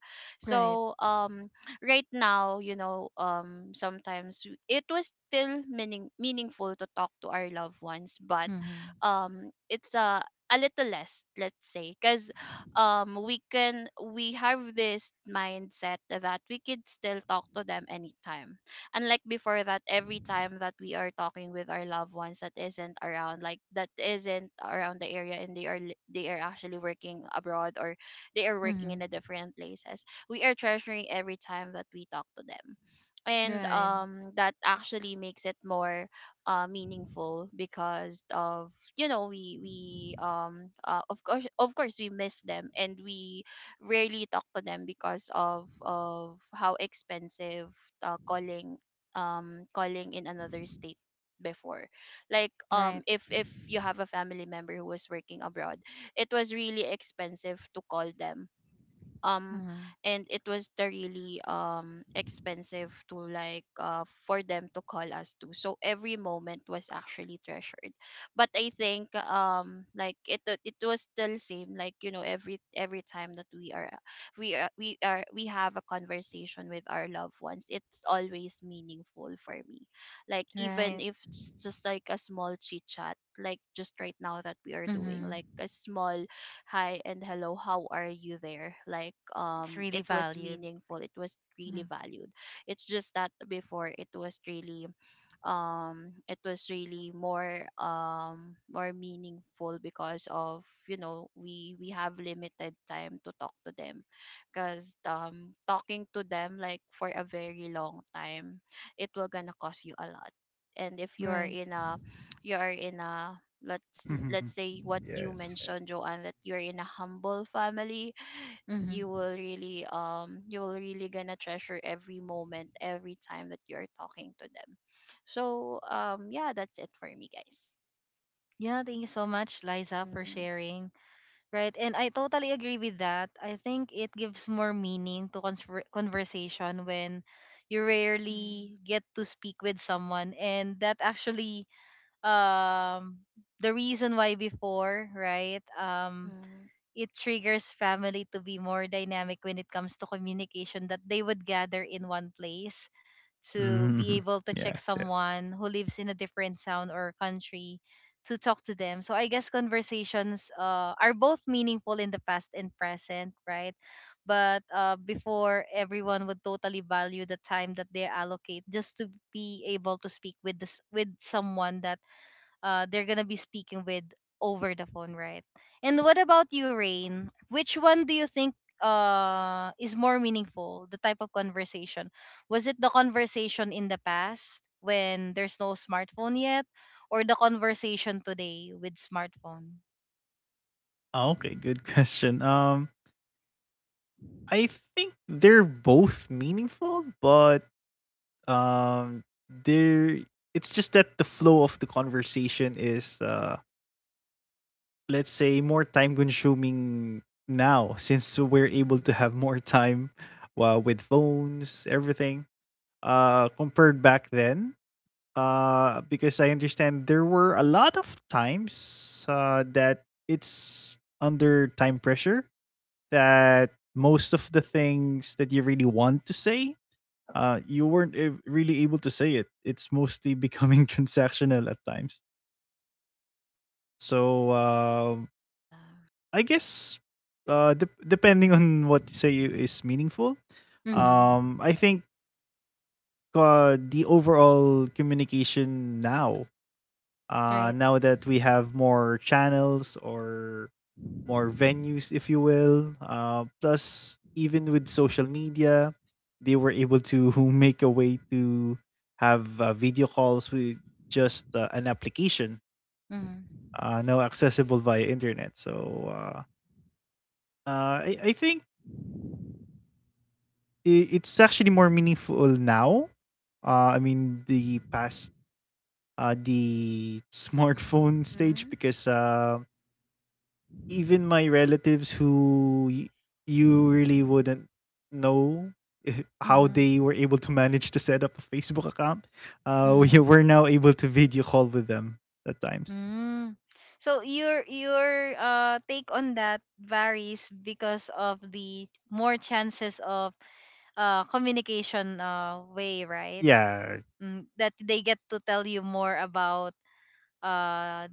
Speaker 1: Right.
Speaker 3: So um right now, you know, um, sometimes w- it was still meaning meaningful to talk to our loved ones, but
Speaker 1: Mhm.
Speaker 3: um, it's a a little less, let's say, because um, we can we have this mindset that we could still talk to them anytime. Unlike before that, every time that we are talking with our loved ones that isn't around, like that isn't around the area, and they are li- they are actually working abroad or they are working
Speaker 1: Mhm.
Speaker 3: in a different places, we are treasuring every time that we talk to them, and
Speaker 1: Right.
Speaker 3: um that actually makes it more uh meaningful because of you know we we um uh, of course, of course we miss them and we rarely talk to them because of of how expensive uh, calling, um calling in another state before. Like,
Speaker 1: Right.
Speaker 3: um if if you have a family member who was working abroad, it was really expensive to call them. um
Speaker 1: Mhm.
Speaker 3: and it was the really um expensive to like uh for them to call us to, so every moment was actually treasured. But I think, um like it wa- it was still same, like you know, every every time that we are we are we are we have a conversation with our loved ones, it's always meaningful for me. Like, even
Speaker 1: Right.
Speaker 3: if it's just like a small chit chat, like just right now that we are doing,
Speaker 1: Mhm.
Speaker 3: like a small hi and hello, how are you there? Like,
Speaker 1: It's
Speaker 3: um
Speaker 1: really
Speaker 3: it was
Speaker 1: valued.
Speaker 3: meaningful, it was really
Speaker 1: Mhm.
Speaker 3: valued. It's just that before it was really, um it was really more, um more meaningful because of, you know, we we have limited time to talk to them, because um talking to them, like for a very long time, it will gonna cost you a lot. And if you're
Speaker 1: Right.
Speaker 3: in a you're in a, let's
Speaker 2: mhm.
Speaker 3: let's
Speaker 2: Mhm,
Speaker 3: say what you
Speaker 2: yes, yes.
Speaker 3: mentioned, Joanne, that you're in a humble family,
Speaker 1: Mhm.
Speaker 3: you will really, um you will really gonna treasure every moment, every time that you're talking to them. So, um yeah, that's it for me, guys.
Speaker 1: Yeah, thank you so much, Liza, for
Speaker 3: Mm-hmm.
Speaker 1: sharing. Right, and I totally agree with that. I think it gives more meaning to conver- conversation when you
Speaker 3: Mm-hmm.
Speaker 1: rarely get to speak with someone, and that actually um the reason why before, right? Um, it triggers family to be more dynamic when it comes to communication, that they would gather in one place to be
Speaker 2: Mhm.
Speaker 1: able to check
Speaker 2: Yes, yes.
Speaker 1: someone who lives in a different town or country, to talk to them. So I guess conversations uh, are both meaningful in the past and present, right? But uh, before, everyone would totally value the time that they allocate just to be able to speak with this, with someone that uh, they're gonna be speaking with over the phone, right? And what about you, Rain? Which one do you think uh is more meaningful? The type of conversation, was it the conversation in the past when there's no smartphone yet, or the conversation today with smartphone?
Speaker 2: Oh, okay, good question. Um, I think they're both meaningful, but, um, they're it's just that the flow of the conversation is, uh let's say more time consuming now since
Speaker 3: hmm
Speaker 2: we're able to
Speaker 3: hmm
Speaker 2: have more time uh, with phones everything, uh compared back then, uh because I understand there were a lot of times uh that it's under time pressure, that most of the things that you really want to say, uh you weren't a- really able to say it. It's mostly becoming transactional at times, so um, I guess uh dep depending on what you say is meaningful.
Speaker 1: Mm-hmm.
Speaker 2: Um I think uh the overall communication now, uh
Speaker 1: Right.
Speaker 2: now that we have more channels or more venues if you will, uh plus even with social media, they were able to make a way to have uh, video calls with just uh, an application
Speaker 1: Mm-hmm.
Speaker 2: uh, now accessible via internet, so uh, uh, I, I think i- it's actually more meaningful now. Uh, I mean, the past, uh, the smartphone stage, because uh, even my relatives who y- you really wouldn't know if- how
Speaker 1: Mm-hmm.
Speaker 2: they were able to manage to set up a Facebook account, uh, we
Speaker 1: Mm-hmm.
Speaker 2: were now able to video call with them at times.
Speaker 1: Mm. So your your uh take on that varies because of the more chances of uh communication uh way, right?
Speaker 2: Yeah,
Speaker 1: Mm, that they get to tell you more about, uh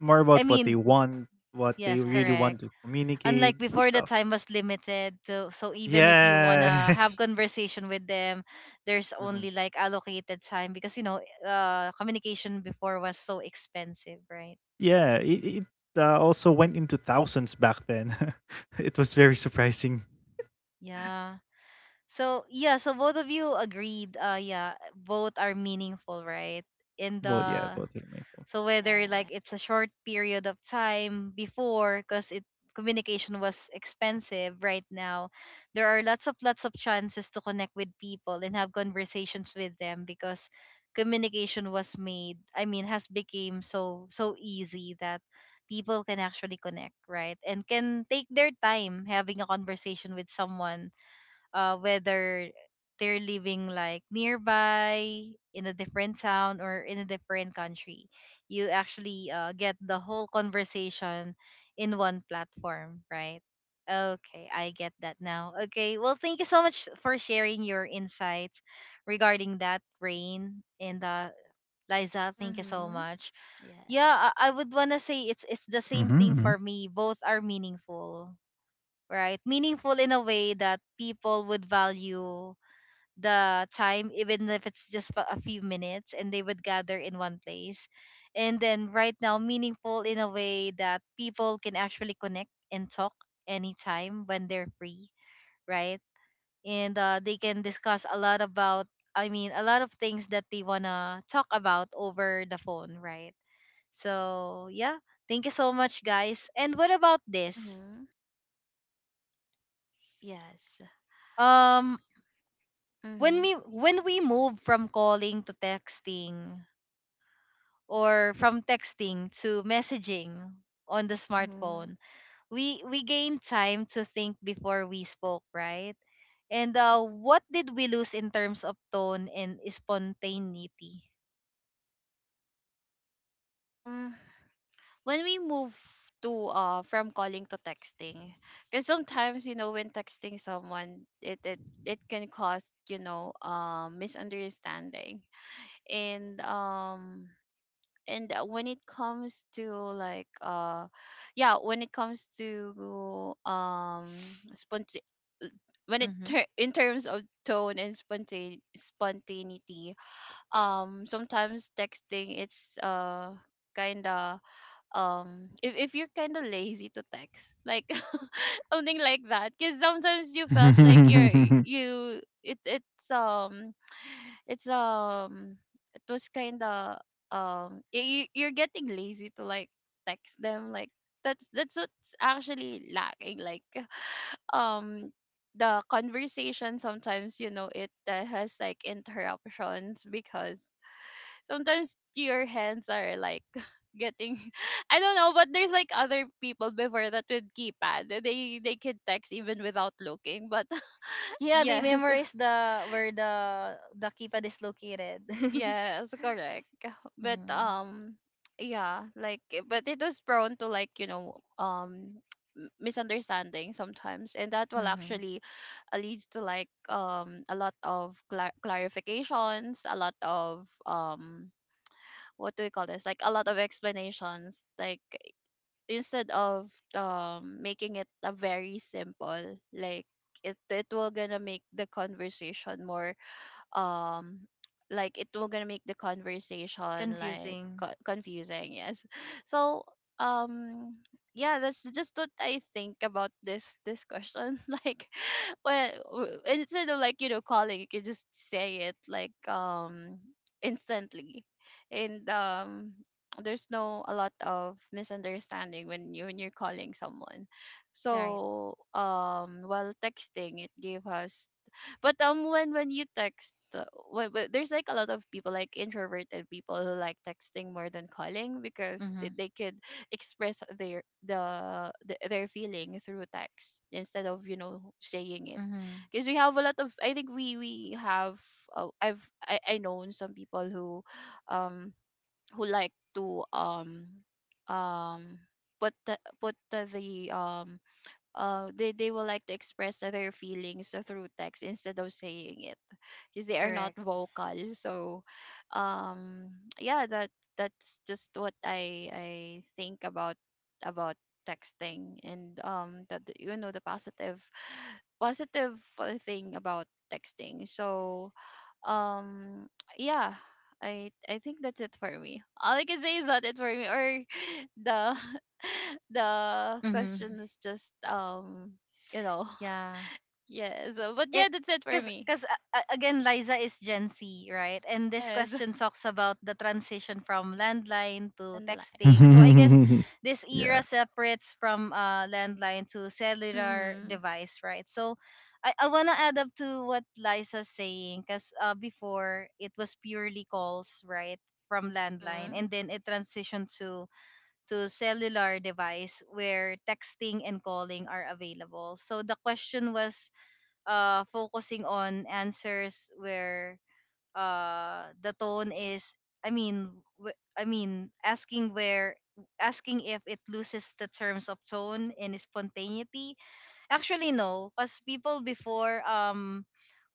Speaker 2: more
Speaker 1: I
Speaker 2: about what they
Speaker 1: mean,
Speaker 2: want, what they
Speaker 1: yes,
Speaker 2: really
Speaker 3: Yeah.
Speaker 1: correct.
Speaker 2: want to communicate,
Speaker 1: Unlike
Speaker 2: those
Speaker 1: before, the
Speaker 2: stuff.
Speaker 1: time was limited, so so even if you wanna have
Speaker 2: Yes.
Speaker 1: conversation with them, there's only like allocated time, because you know, uh communication before was so expensive, right?
Speaker 2: Yeah, it, it uh, also went into thousands back then. It was very surprising.
Speaker 1: Yeah, so yeah, so both of you agreed, uh yeah, both are meaningful, right? In
Speaker 2: But yeah,
Speaker 1: the...
Speaker 2: about Hermeto.
Speaker 1: So
Speaker 3: Mm-hmm. Yes.
Speaker 1: whether
Speaker 3: Yeah.
Speaker 1: like it's a short period of time before, because it communication was expensive, right now, there are lots of lots of chances to connect with people and have conversations with them, because communication was made, I mean, has became so so easy that people can actually connect, right? And can take their time having a conversation with someone, uh, whether they're living like nearby, in a different town or in a different country, you actually uh, get the whole conversation in one platform, right? Okay, I get that now. Okay, well, thank you so much for sharing your insights regarding that, Rain. And uh, Liza, thank you so
Speaker 3: Mm-hmm.
Speaker 1: much.
Speaker 3: Yes.
Speaker 1: Yeah, i, I would want to say it's it's the same thing
Speaker 2: Mm-hmm.
Speaker 1: for me, both are meaningful, right? Meaningful in a way that people would value the time, even if it's just for a few minutes, and they would gather in one place. And then right now, meaningful in a way that people can actually connect and talk anytime when they're free, right? And uh, they can discuss a lot about, I mean, a lot of things that they wanna talk about over the phone, right? So yeah, thank you so much, guys. And what about this?
Speaker 3: Mm-hmm. Yes.
Speaker 1: Um, when
Speaker 3: Mm-hmm.
Speaker 1: we when we move from calling to texting, or from texting to messaging on the
Speaker 3: Mm-hmm.
Speaker 1: smartphone, we we gain time to think before we spoke, right? And uh, what did we lose in terms of tone and spontaneity?
Speaker 3: Um when we move to uh from calling to texting, because sometimes, you know, when texting someone, it it it can cause, you know, um misunderstanding. And um and uh, When it comes to like uh yeah, when it comes to um sponti- when it
Speaker 1: Hmm.
Speaker 3: ter- in terms of tone and spontane- spontaneity, um sometimes texting, it's uh kind of, um if, if you're kind of lazy to text, like something like that, because sometimes you felt like you're, you it it's um it's um it was kind of, um you, you're getting lazy to like text them, like, that's that's what's actually lacking, like, um the conversation sometimes, you know, it uh, has like interruptions, because sometimes your hands are like getting I don't know, but there's like other people before that with keypad. They they could text even without looking. But
Speaker 1: Yeah, they
Speaker 3: yes.
Speaker 1: memorize the... where the the keypad is located.
Speaker 3: Yes, correct. But
Speaker 1: Mm-hmm.
Speaker 3: um yeah, like eh, but it was prone to like, you know, um m- misunderstanding sometimes, and that will actually uh, leads to like um a lot of clar- clarifications, a lot of um what do we call this, like a lot of explanations, like instead of um making it a very simple, like it it will gonna make the conversation more, um like it will gonna make the conversation like
Speaker 1: Confusing.
Speaker 3: co- confusing, yes so um yeah, that's just what I think about this, this question like when w- instead of, like, you know, calling, you can just say it like, um instantly. And um there's no a lot of misunderstanding when you, when you're calling someone.
Speaker 1: Right.
Speaker 3: So um while texting it gave us, but um, when when you text, uh, wh- wh- there's like a lot of people, like introverted people, who like texting more than calling, because they,
Speaker 1: Mm-hmm.
Speaker 3: they could express their the, the their feeling through text instead of, you know, saying it.
Speaker 1: Mm-hmm.
Speaker 3: Because we have a lot of, I think we we have, uh, I've, I I known some people who, um, who like to um, um, put the, put the, the um uh they, they will like to express their feelings uh, through text instead of saying it, because they are not
Speaker 1: Correct.
Speaker 3: vocal. So, um, yeah, that, that's just what I I think about about texting and um that the- you know the positive, positive uh, thing about texting. So, um, yeah. I, I think that's it for me. All I can say is that it for me, or the the
Speaker 1: Mm-hmm.
Speaker 3: question is just um you know
Speaker 1: Yeah,
Speaker 3: yeah. So but yeah,
Speaker 1: it
Speaker 3: that's it for
Speaker 1: because
Speaker 3: me.
Speaker 1: because uh, again, Liza is Gen Z, right? And this
Speaker 3: Yes.
Speaker 1: question talks about the transition from landline to texting,
Speaker 3: Landline.
Speaker 1: so I guess this
Speaker 2: Yeah.
Speaker 1: era separates from uh landline to cellular
Speaker 3: Mhm.
Speaker 1: device, right? So, I, I want to add up to what Liza's saying, because uh, before, it was purely calls, right? From landline,
Speaker 3: Mhm.
Speaker 1: and then it transitioned to to cellular device where texting and calling are available. So the question was uh focusing on answers where uh the tone is, I mean, wh- I mean, asking where, asking if it loses the terms of tone and spontaneity. Actually no, because people before, um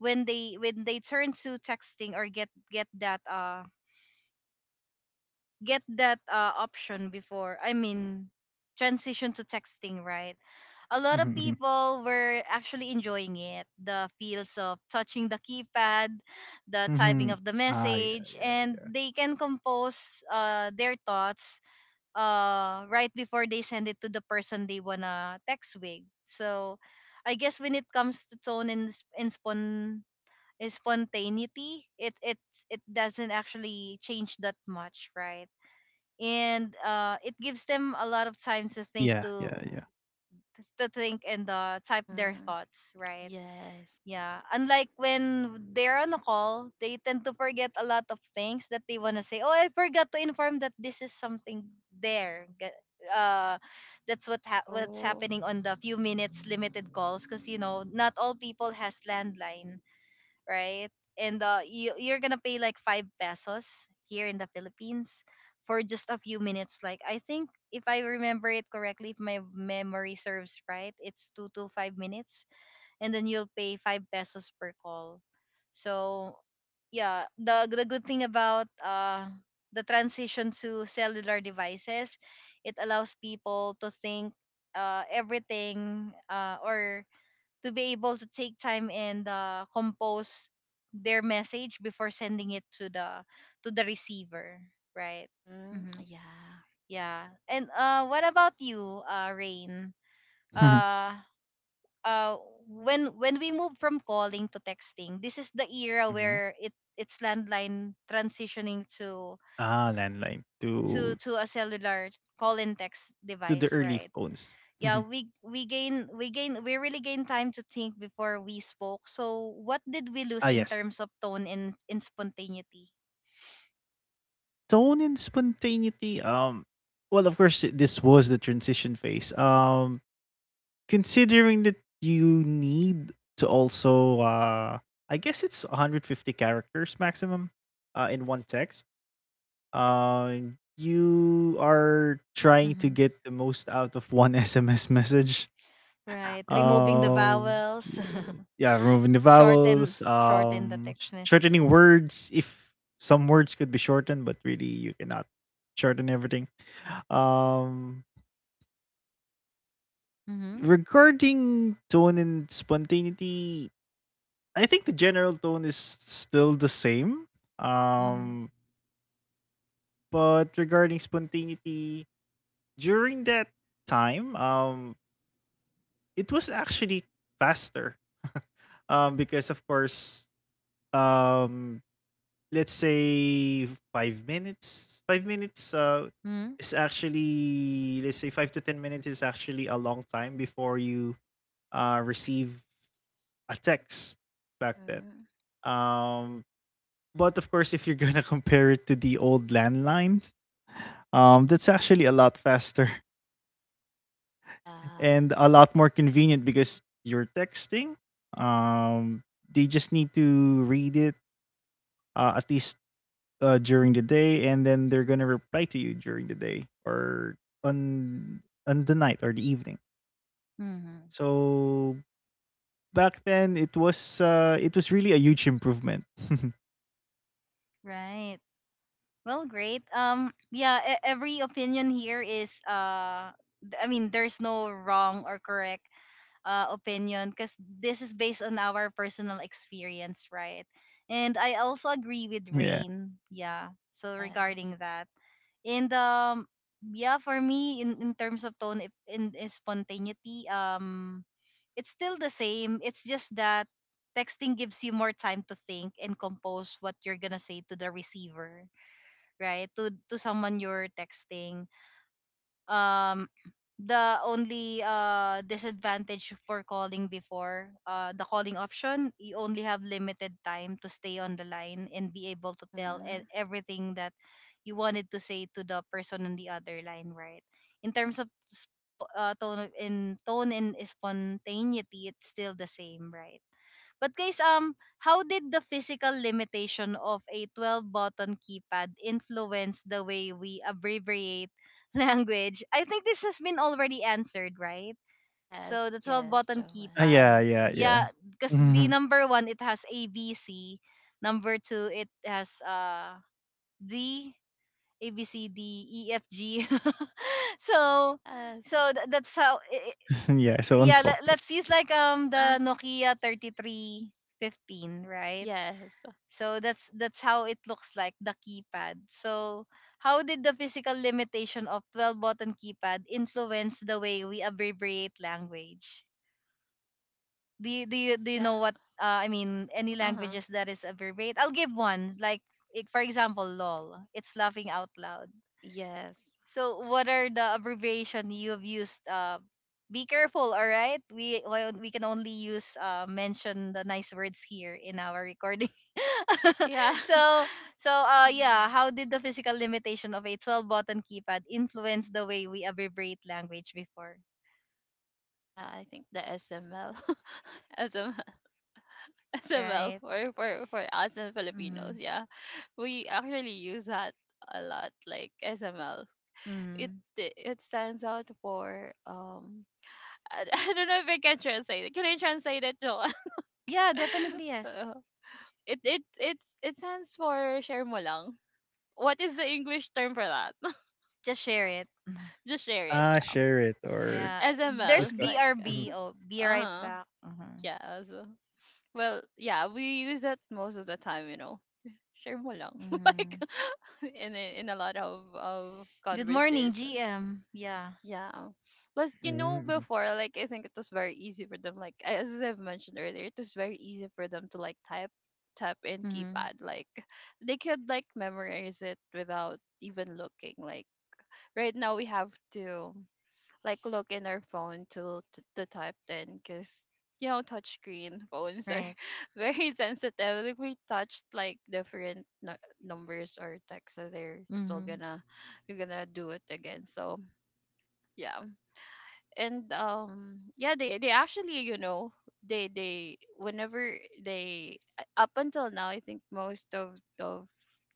Speaker 1: when they when they turn to texting, or get get that uh get that uh, option before, I mean, transition to texting, right? A lot of
Speaker 2: Mm-hmm.
Speaker 1: people were actually enjoying it, the feels of touching the keypad, the typing
Speaker 2: Hmm.
Speaker 1: of the
Speaker 2: Ah, yeah,
Speaker 1: message, and they can compose uh, their thoughts, uh, right before they send it to the person they wanna text with. So I guess when it comes to tone and, sp- and spon- and spontaneity, it it's it doesn't actually change that much, right? And uh, it gives them a lot of time to think,
Speaker 2: yeah, yeah,
Speaker 1: to
Speaker 2: yeah.
Speaker 1: to think and uh, type their
Speaker 3: Mhm.
Speaker 1: thoughts, right?
Speaker 3: Yes.
Speaker 1: Yeah, unlike when they're on a call, they tend to forget a lot of things that they want to say. Oh, I forgot to inform that this is something there. Ga- uh that's what ha- what's
Speaker 3: Oh.
Speaker 1: happening on the few minutes limited calls, because you know, not all people has landline, right? And uh, you you're gonna pay like five pesos here in the Philippines for just a few minutes. Like, I think, if I remember it correctly, if my memory serves right, it's two to five minutes, and then you'll pay five pesos per call. So yeah, the the good thing about uh the transition to cellular devices, it allows people to think uh everything, uh or, to be able to take time and uh, compose their message before sending it to the... to the receiver, right?
Speaker 3: Mhm.
Speaker 1: Mm-hmm.
Speaker 3: Yeah.
Speaker 1: Yeah, and uh what about you, uh Rain?
Speaker 2: Mhm.
Speaker 1: uh uh when when we move from calling to texting, this is the era
Speaker 2: Mm-hmm.
Speaker 1: where it it's landline transitioning to...
Speaker 2: Ah, landline
Speaker 1: to
Speaker 2: to
Speaker 1: to a cellular call and text
Speaker 2: to the
Speaker 1: device,
Speaker 2: early
Speaker 1: right?
Speaker 2: phones.
Speaker 1: Yeah,
Speaker 2: Mhm.
Speaker 1: we we gain we gain we really gain time to think before we spoke, so what did we
Speaker 2: Ah,
Speaker 1: lose in
Speaker 2: yes.
Speaker 1: terms of tone and in spontaneity?
Speaker 2: Tone and spontaneity. Um, well, of course, this was the transition phase. Um, considering that you need to also, uh I guess it's one hundred fifty characters maximum uh in one text, uh you are trying to
Speaker 1: Hmm.
Speaker 2: get the most out of one S M S message.
Speaker 1: Right, removing the
Speaker 2: um
Speaker 1: vowels.
Speaker 2: yeah, removing the
Speaker 1: shorten
Speaker 2: vowels,
Speaker 1: shorten the
Speaker 2: um sh-
Speaker 1: text
Speaker 2: shortening
Speaker 1: messages.
Speaker 2: words if some words could be shortened, but really you cannot shorten everything. um
Speaker 1: Mm-hmm.
Speaker 2: Regarding tone and spontaneity, I think the general tone is still the same.
Speaker 1: Mm-hmm.
Speaker 2: Um, but regarding spontaneity, during that time, um, it was actually faster. Um, because of course, um, let's say five minutes. Five minutes, uh,
Speaker 1: Mm-hmm.
Speaker 2: is actually, let's say, five to ten minutes is actually a long time before you uh, receive a text back then.
Speaker 3: Mhm.
Speaker 2: Um, But of course, if you're gonna compare it to the old landlines, um, that's actually a lot faster and a
Speaker 3: Yes.
Speaker 2: lot more convenient because you're texting. Um, they just need to read it uh, at least uh, during the day, and then they're gonna reply to you during the day or on on the night or the evening.
Speaker 1: Mm-hmm.
Speaker 2: So back then, it was uh, it was really a huge improvement.
Speaker 1: Right, well, great. Um yeah, e- every opinion here is, uh th- I mean, there's no wrong or correct uh, opinion, because this is based on our personal experience, right? And I also agree with
Speaker 2: Yeah,
Speaker 1: Rain. Yeah. So
Speaker 3: Yes.
Speaker 1: regarding that. And um, yeah, for me, in in terms of tone, if in, in spontaneity, um, it's still the same. It's just that texting gives you more time to think and compose what you're gonna say to the receiver, right? To to someone you're texting, um the only uh disadvantage for calling before, uh the calling option, you only have limited time to stay on the line and be able to tell e-
Speaker 3: Mhm.
Speaker 1: everything that you wanted to say to the person on the other line, right? In terms of spo- uh, tone of- in tone and spontaneity, it's still the same, right? But guys, um, how did the physical limitation of a twelve-button keypad influence the way we abbreviate language? I think this has been already answered, right? So
Speaker 3: Yes.
Speaker 1: the
Speaker 3: Yes,
Speaker 1: twelve-button
Speaker 2: ah,
Speaker 1: keypad,
Speaker 3: Joanne.
Speaker 2: yeah, yeah, yeah.
Speaker 1: yeah, because the number one, it has A B C, number two, it has uh D A B C D E F G. So,
Speaker 3: Yes.
Speaker 1: so th- that's how. i- i-
Speaker 2: Yeah. So on
Speaker 1: Yeah,
Speaker 2: top.
Speaker 1: let, let's use like um
Speaker 3: Uh-huh.
Speaker 1: the Nokia three three one five, right?
Speaker 3: Yes.
Speaker 1: So that's that's how it looks like, the keypad. So how did the physical limitation of twelve button keypad influence the way we abbreviate language? Do you do you, do you
Speaker 3: Yeah.
Speaker 1: know what, uh, I mean, any
Speaker 3: Uh-huh.
Speaker 1: languages that is abbreviate? I'll give one, like it, for example, lol. It's laughing out loud.
Speaker 3: Yes.
Speaker 1: So what are the abbreviation you've used? Uh, be careful, all right? We well, we can only use uh mention the nice words here in our recording.
Speaker 3: Yeah.
Speaker 1: so so uh yeah,
Speaker 3: Mm,
Speaker 1: how did the physical limitation of a twelve button keypad influence the way we abbreviate language before,
Speaker 3: yeah, I think the S M L, SML, S M L
Speaker 1: right?
Speaker 3: for, for, for us and Filipinos.
Speaker 1: Mhm.
Speaker 3: Yeah, we actually use that a lot, like S M L. It
Speaker 1: Mhm.
Speaker 3: it stands out for um I, I don't know if I can translate it. Can I translate it, Joanne?
Speaker 1: Yeah, definitely yes.
Speaker 3: Uh, it it it it stands for share mo lang. What is the English term for that?
Speaker 1: Just share it.
Speaker 3: Just share it,
Speaker 2: Ah,
Speaker 3: yeah.
Speaker 2: share it or
Speaker 1: Yeah. There's
Speaker 3: S M L,
Speaker 2: discuss
Speaker 3: like
Speaker 2: it. Mhm,
Speaker 1: B R B. Oh, be
Speaker 3: uh
Speaker 1: right
Speaker 3: huh,
Speaker 1: back. Mhm.
Speaker 3: yeah. So, well, yeah, we use that most of the time, you know. Share mo lang, like
Speaker 1: Mhm.
Speaker 3: in a, in a lot of of
Speaker 1: Good morning,
Speaker 3: conversations.
Speaker 1: G M. Yeah.
Speaker 3: Yeah. Plus, you
Speaker 2: mm,
Speaker 3: know,
Speaker 2: mhm,
Speaker 3: before, like, I think it was very easy for them, like, a- as I've mentioned earlier, it was very easy for them to, like, type, tap in
Speaker 1: Mhm.
Speaker 3: keypad. Like, they could, like, memorize it without even looking. Like, right now, we have to, like, look in our phone to, to, to type in, because, you know, touchscreen phones are
Speaker 1: Right.
Speaker 3: very sensitive. Like, we touched, like, different nu- numbers or text, so they're still
Speaker 1: Mhm.
Speaker 3: gonna, you're gonna do it again. So, yeah. And um yeah, they they actually, you know, they they whenever they uh, up until now, I think most of of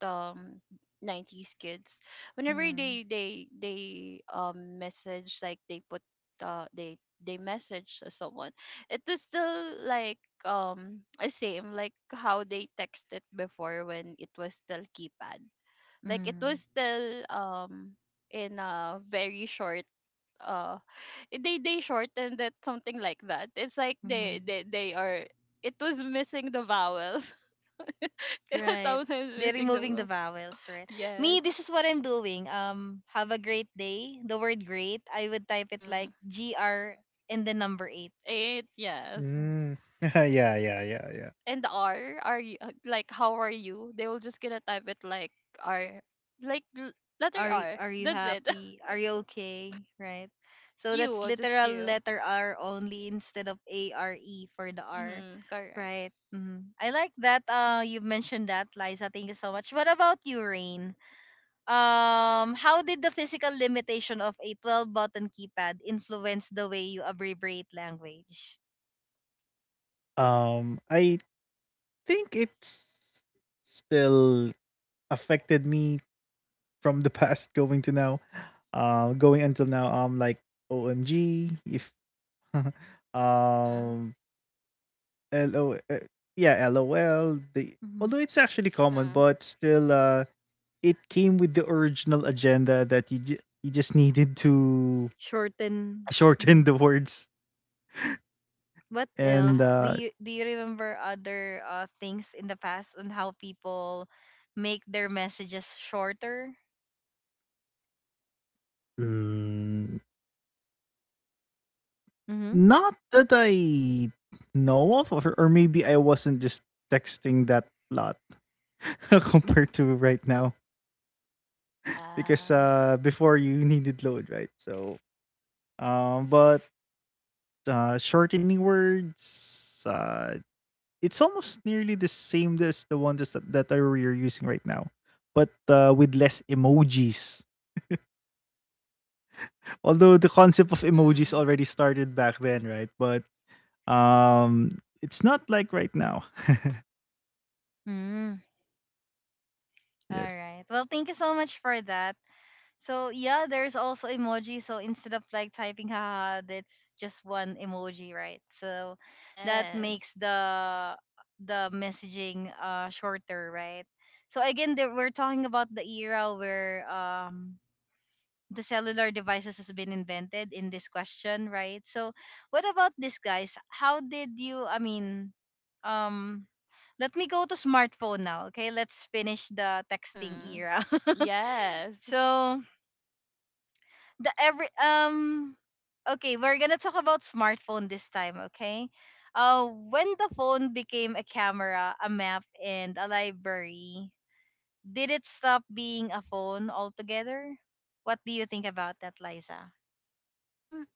Speaker 3: the um, nineties kids, whenever
Speaker 1: Mm.
Speaker 3: they they they um message, like they put uh they they message to someone, it is still like, um the same like how they texted before when it was still keypad. Like it was
Speaker 1: Mm.
Speaker 3: still um in a very short uh they they shortened it, something like that. It's like they
Speaker 1: Mhm.
Speaker 3: they they are. It was missing the vowels. It was
Speaker 1: Right.
Speaker 3: sometimes
Speaker 1: They're
Speaker 3: missing the
Speaker 1: removing the
Speaker 3: vowel.
Speaker 1: vowels, right?
Speaker 3: Yes.
Speaker 1: Me, this is what I'm doing. Um, have a great day. The word great, I would type it
Speaker 3: Mm.
Speaker 1: like G R and the number eight.
Speaker 3: It yes.
Speaker 2: mm. Yeah, yeah, yeah, yeah.
Speaker 3: And the R, are you, uh, like how are you? They will just gonna type it like R, like l- letter
Speaker 1: Are y-
Speaker 3: R.
Speaker 1: Are you
Speaker 3: That's it.
Speaker 1: happy? Are you okay? Right.
Speaker 3: And
Speaker 1: So that's
Speaker 3: you just
Speaker 1: literal
Speaker 3: you.
Speaker 1: letter R only instead of A R E for the R.
Speaker 3: Mhm. Correct.
Speaker 1: Right. Hmm, I like that. Uh, you mentioned that, Liza. Thank you so much. What about you, Rain? Um, how did the physical limitation of a twelve button keypad influence the way you abbreviate language?
Speaker 2: Um, I think it's still affected me from the past going to now. Uh, going until now, I'm like, O M G, if
Speaker 3: Mhm.
Speaker 2: um, L O, uh, yeah, L O L. The,
Speaker 1: Mhm.
Speaker 2: although it's actually common,
Speaker 3: Mhm.
Speaker 2: but still, uh, it came with the original agenda that you ju- you just needed to
Speaker 1: Shorten.
Speaker 2: shorten
Speaker 1: Mhm.
Speaker 2: the words.
Speaker 1: What
Speaker 2: and
Speaker 1: else?
Speaker 3: Yeah.
Speaker 1: Do
Speaker 2: uh,
Speaker 1: you do you remember other uh, things in the past on how people make their messages shorter?
Speaker 2: mm,
Speaker 1: Mm-hmm.
Speaker 2: not that I know of, or, or maybe I wasn't just texting that lot compared to right now, because
Speaker 3: Yeah.
Speaker 2: uh, before you needed load, right? So, um, but uh, shortening words, uh, it's almost nearly the same as the ones that that are you're using right now, but uh, with less emojis. Although the concept of emojis
Speaker 3: Mhm.
Speaker 2: already started back then, right? But Um, it's not like right now.
Speaker 1: Mm. All
Speaker 2: Yes.
Speaker 1: right. Well, thank you so much for that. So yeah, there's also emoji. So instead of like typing haha, that's just one emoji, right? So that
Speaker 3: Yes.
Speaker 1: makes the the messaging uh shorter, right? So again, there, we're talking about the era where um the cellular devices has been invented in this question, right? So what about this guys? How did you I mean um let me go to smartphone now, okay? Let's finish the texting
Speaker 3: Mhm.
Speaker 1: era.
Speaker 3: Yes.
Speaker 1: so the every um okay we're gonna talk about smartphone this time, okay? Uh when the phone became a camera, a map, and a library, did it stop being a phone altogether? What do you think about that, Liza?
Speaker 3: Um.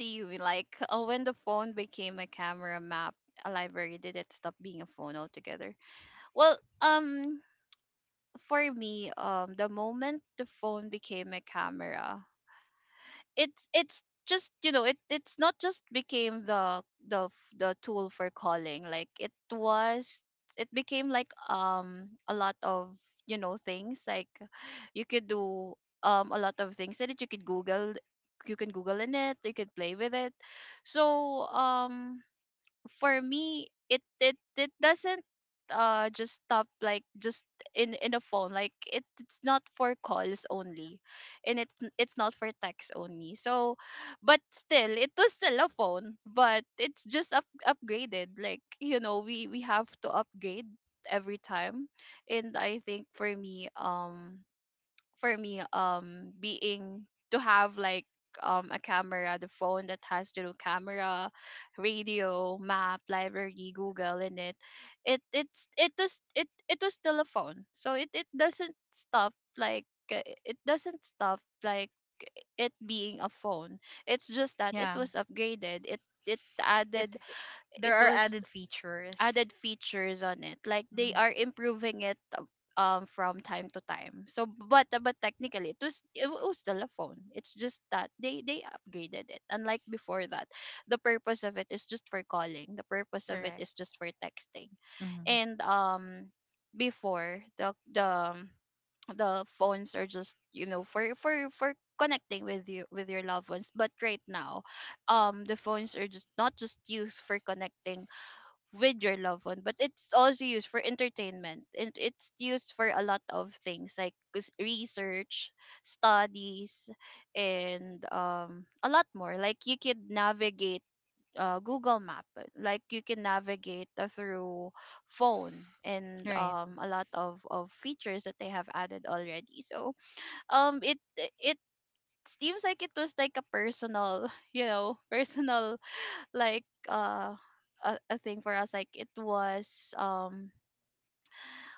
Speaker 3: To you? Like, oh, when the phone became a camera map, a library, did it stop being a phone altogether? Well, um, for me, um, the moment the phone became a camera, it's it's just, you know, it it's not just became the the f- the tool for calling, like it was, it became like um a lot of, you know, things like you could do, um a lot of things that you could google, you can google in it, you could play with it. So um for me, it it it doesn't uh just stop, like just in in a phone, like it, it's not for calls only, and it's n- it's not for text only. So but still it was still a phone, but it's just up, upgraded, like, you know, we we have to upgrade every time. And I think for me, um for me um being to have like um a camera, the phone that has the camera, radio, map, library, google in it, it it's, it was it it was still a phone. So it it doesn't stop, like uh, it doesn't stop like it being a phone, it's just that it
Speaker 1: Yeah,
Speaker 3: was upgraded. it it
Speaker 1: it,
Speaker 3: added,
Speaker 1: it- there
Speaker 3: it
Speaker 1: are
Speaker 3: was
Speaker 1: added features.
Speaker 3: added features on it. Like they
Speaker 1: Mm,
Speaker 3: are improving it, uh, um from time to time. So but but technically it was, it was still a phone. It's just that they they upgraded it. Unlike before that, the purpose of it is just for calling. The purpose of it
Speaker 1: correct.
Speaker 3: is just for texting.
Speaker 1: Hmm,
Speaker 3: And um before the the the phones are just, you know, for for for connecting with you, with your loved ones. But right now um the phones are just not just used for connecting with your loved one, but it's also used for entertainment, and it's used for a lot of things like cus- research, studies, and um a lot more, like you could navigate, uh, google map, uh, like you can navigate uh, through phone. And
Speaker 1: right.
Speaker 3: um a lot of of features that they have added already. So um it it seems like it was like a personal you know personal, like uh a, a thing for us, like it was, um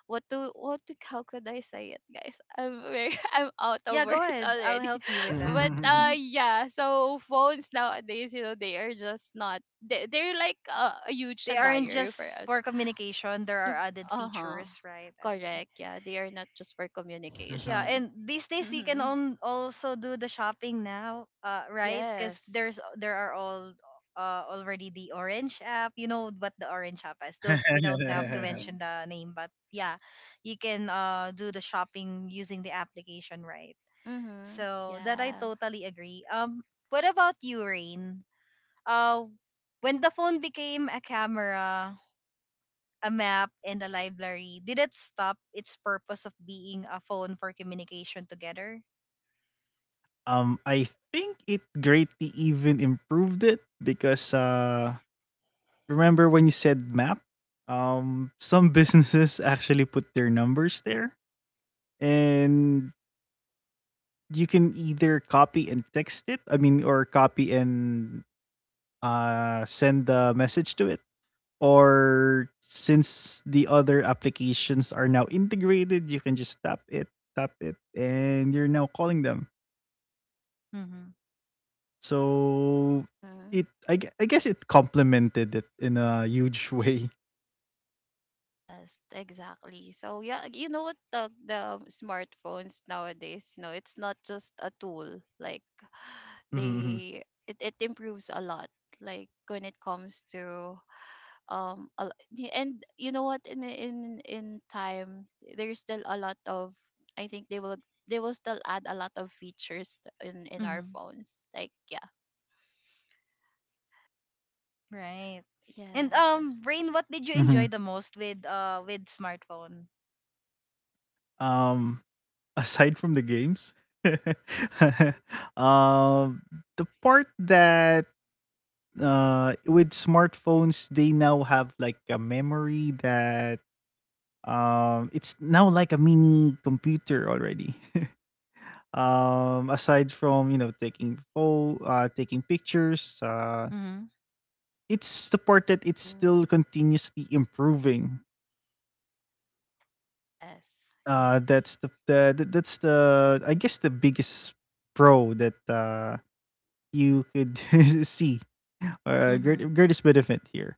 Speaker 3: what to, what to how could I say it, guys? I'm very I'm out of
Speaker 1: Yeah, go
Speaker 3: words
Speaker 1: ahead, I'll
Speaker 3: already.
Speaker 1: help you with that.
Speaker 3: But uh
Speaker 1: Mhm.
Speaker 3: yeah, so phones nowadays, you know, they are just not, they, they're like uh, a huge
Speaker 1: They aren't
Speaker 3: diary for
Speaker 1: just
Speaker 3: us.
Speaker 1: for communication, there are
Speaker 3: Yup,
Speaker 1: added
Speaker 3: uh-huh,
Speaker 1: features, right? Okay.
Speaker 3: correct. Yeah, they are not just for
Speaker 1: Yeah,
Speaker 3: communication.
Speaker 1: and these days you can
Speaker 3: Mm-hmm.
Speaker 1: on also do the shopping now, uh, right? Because
Speaker 3: Yes.
Speaker 1: there's there are all uh already the orange app. You know what the orange app is. Don't we don't have to
Speaker 3: Mm-hmm.
Speaker 1: mention the name, but yeah, you can uh do the shopping using the application, right?
Speaker 3: Mm-hmm.
Speaker 1: So that I
Speaker 3: Yeah.
Speaker 1: totally agree. Um, what about you, Rain? Uh, when the phone became a camera, a map, and a library, did it stop its purpose of being a phone for communication together?
Speaker 2: Um, I think it greatly even improved it because, uh, remember when you said map? Um, some businesses actually put their numbers there, and you can either copy and text it. I mean, or copy and uh, send a message to it. Or since the other applications are now integrated, you can just tap it, tap it, and you're now calling them.
Speaker 1: Mm-hmm.
Speaker 2: So
Speaker 3: Mm-hmm.
Speaker 2: it, I, gue- I guess it complemented it in a huge way.
Speaker 3: Yes, exactly. So yeah, you know what, the the smartphones nowadays, you know, it's not just a tool. Like
Speaker 2: Mm-hmm.
Speaker 3: they, it, it improves a lot. Like when it comes to um a l- y- and you know what, in in in time, there's still a lot of, I think they will, they will still add a lot of features, t- in in our
Speaker 1: Mm-hmm.
Speaker 3: phones. Like, yeah.
Speaker 1: Right. And
Speaker 3: Yes.
Speaker 1: um, Rain, what did you enjoy
Speaker 2: Mhm.
Speaker 1: the most with uh with smartphone?
Speaker 2: Um, Aside from the games, um, the part that, uh with smartphones, they now have like a memory that, um it's now like a mini computer already, um aside from, you know taking pho- uh taking pictures. Uh
Speaker 1: Mm-hmm.
Speaker 2: it's supported, it's
Speaker 3: Mm,
Speaker 2: still continuously improving.
Speaker 3: yes.
Speaker 2: Uh
Speaker 3: Yes.
Speaker 2: that's the, the the- that's the I guess the biggest pro that, uh you could see, uh,
Speaker 1: Mm-hmm.
Speaker 2: great, greatest benefit here.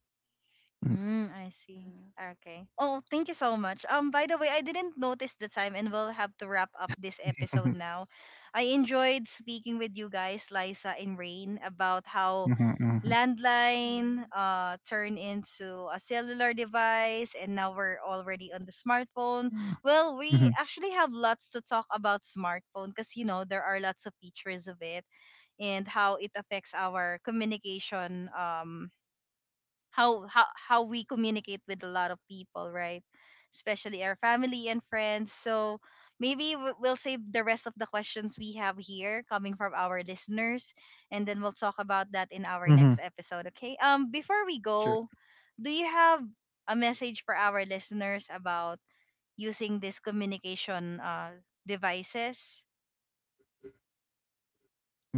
Speaker 2: Mhm.
Speaker 1: Mm, I see.
Speaker 3: Mm-hmm.
Speaker 1: Okay. Oh, thank you so much. Um, by the way, I didn't notice the time, and we'll have to wrap up this episode now. I enjoyed speaking with you guys, Liza and Rain, about how
Speaker 2: Mhm, mhm, mhm.
Speaker 1: landline
Speaker 3: Mm-hmm.
Speaker 1: uh turned into a cellular device, and now we're already on the smartphone.
Speaker 2: Mm,
Speaker 1: Well, we
Speaker 2: mhm,
Speaker 1: actually have lots to talk about smartphone because you know there are lots of features of it and how it affects our communication. Um how how how we communicate with a lot of people, right? Especially our family and friends. So maybe w- we'll save the rest of the questions we have here coming from our listeners, and then we'll talk about that in our
Speaker 2: mhm.
Speaker 1: next episode. Okay. Um, before we
Speaker 2: Sure.
Speaker 1: go, do you have a message for our listeners about using these communication uh devices?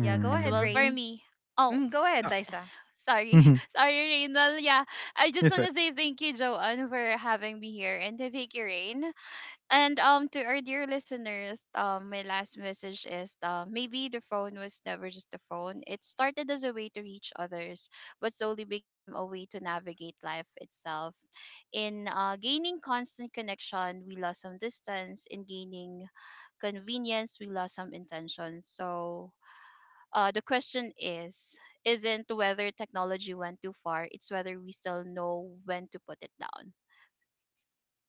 Speaker 1: Yeah, go
Speaker 3: Yes,
Speaker 1: ahead,
Speaker 3: well, for
Speaker 1: Rain.
Speaker 3: me, oh,
Speaker 1: Mm, go ahead,
Speaker 2: Ah,
Speaker 1: Liza.
Speaker 3: sorry,
Speaker 2: mhm.
Speaker 3: sorry, Rain. Well, yeah, I just
Speaker 2: That's
Speaker 3: want
Speaker 2: right.
Speaker 3: to say thank you, Joanne, for having me here, and to thank you, Rain. And um, to our dear listeners, um, my last message is, uh, maybe the phone was never just a phone. It started as a way to reach others, but slowly became a way to navigate life itself. In uh, gaining constant connection, we lost some distance. In gaining convenience, we lost some intention. So uh, the question is isn't whether technology went too far, it's whether we still know when to put it down.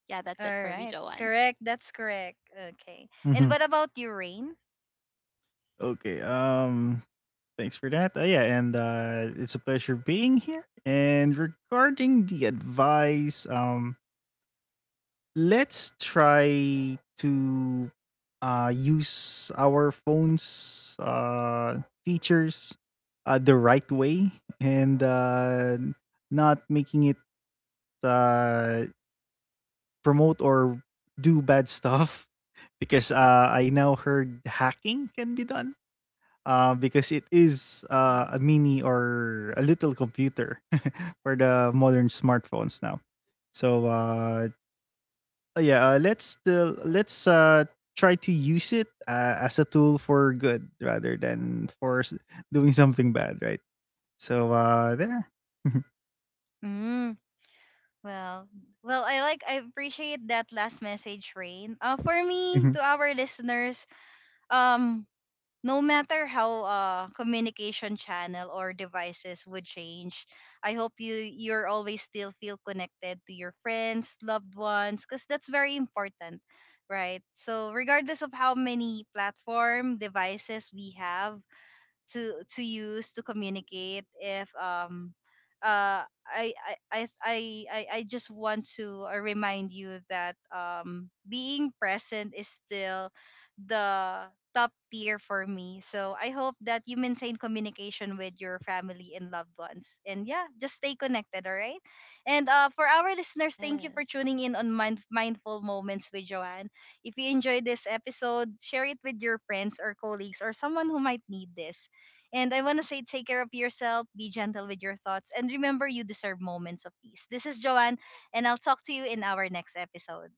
Speaker 3: Yeah, that's it
Speaker 1: All
Speaker 3: for me,
Speaker 1: right.
Speaker 3: Joanne.
Speaker 1: Correct. That's correct. Okay. And
Speaker 2: Mhm.
Speaker 1: what about you, Rain?
Speaker 2: Okay, um thanks for that. Uh, yeah, and uh, it's a pleasure being here. And regarding the advice, um, let's try to uh, use our phones' uh, features uh, the right way and uh, not making it uh, promote or do bad stuff because, uh, I now heard hacking can be done. Uh, because it is uh,
Speaker 3: Mhm.
Speaker 2: a mini or a little computer for the modern smartphones now. So uh, yeah, uh, let's still let's uh, try to use it uh, as a tool for good rather than for s- doing something bad, right? So uh, there.
Speaker 1: Mm, well, well, I like I appreciate that last message, Rain. Uh, for me, to our listeners, um, no matter how uh communication channel or devices would change, I hope you you're always still feel connected to your friends, loved ones, because that's very important, right? So regardless of how many platform devices we have, to to use to communicate if um uh I I I I I I just want to uh, remind you that um being present is still the top tier for me. So I hope that you maintain communication with your family and loved ones. And yeah, just stay connected, all right? And uh for our listeners, thank you for
Speaker 3: Yes.
Speaker 1: tuning in on Mind- Mindful Moments with Joanne. If you enjoyed this episode, share it with your friends or colleagues or someone who might need this. And I want to say take care of yourself, be gentle with your thoughts, and remember you deserve moments of peace. This is Joanne, and I'll talk to you in our next episode.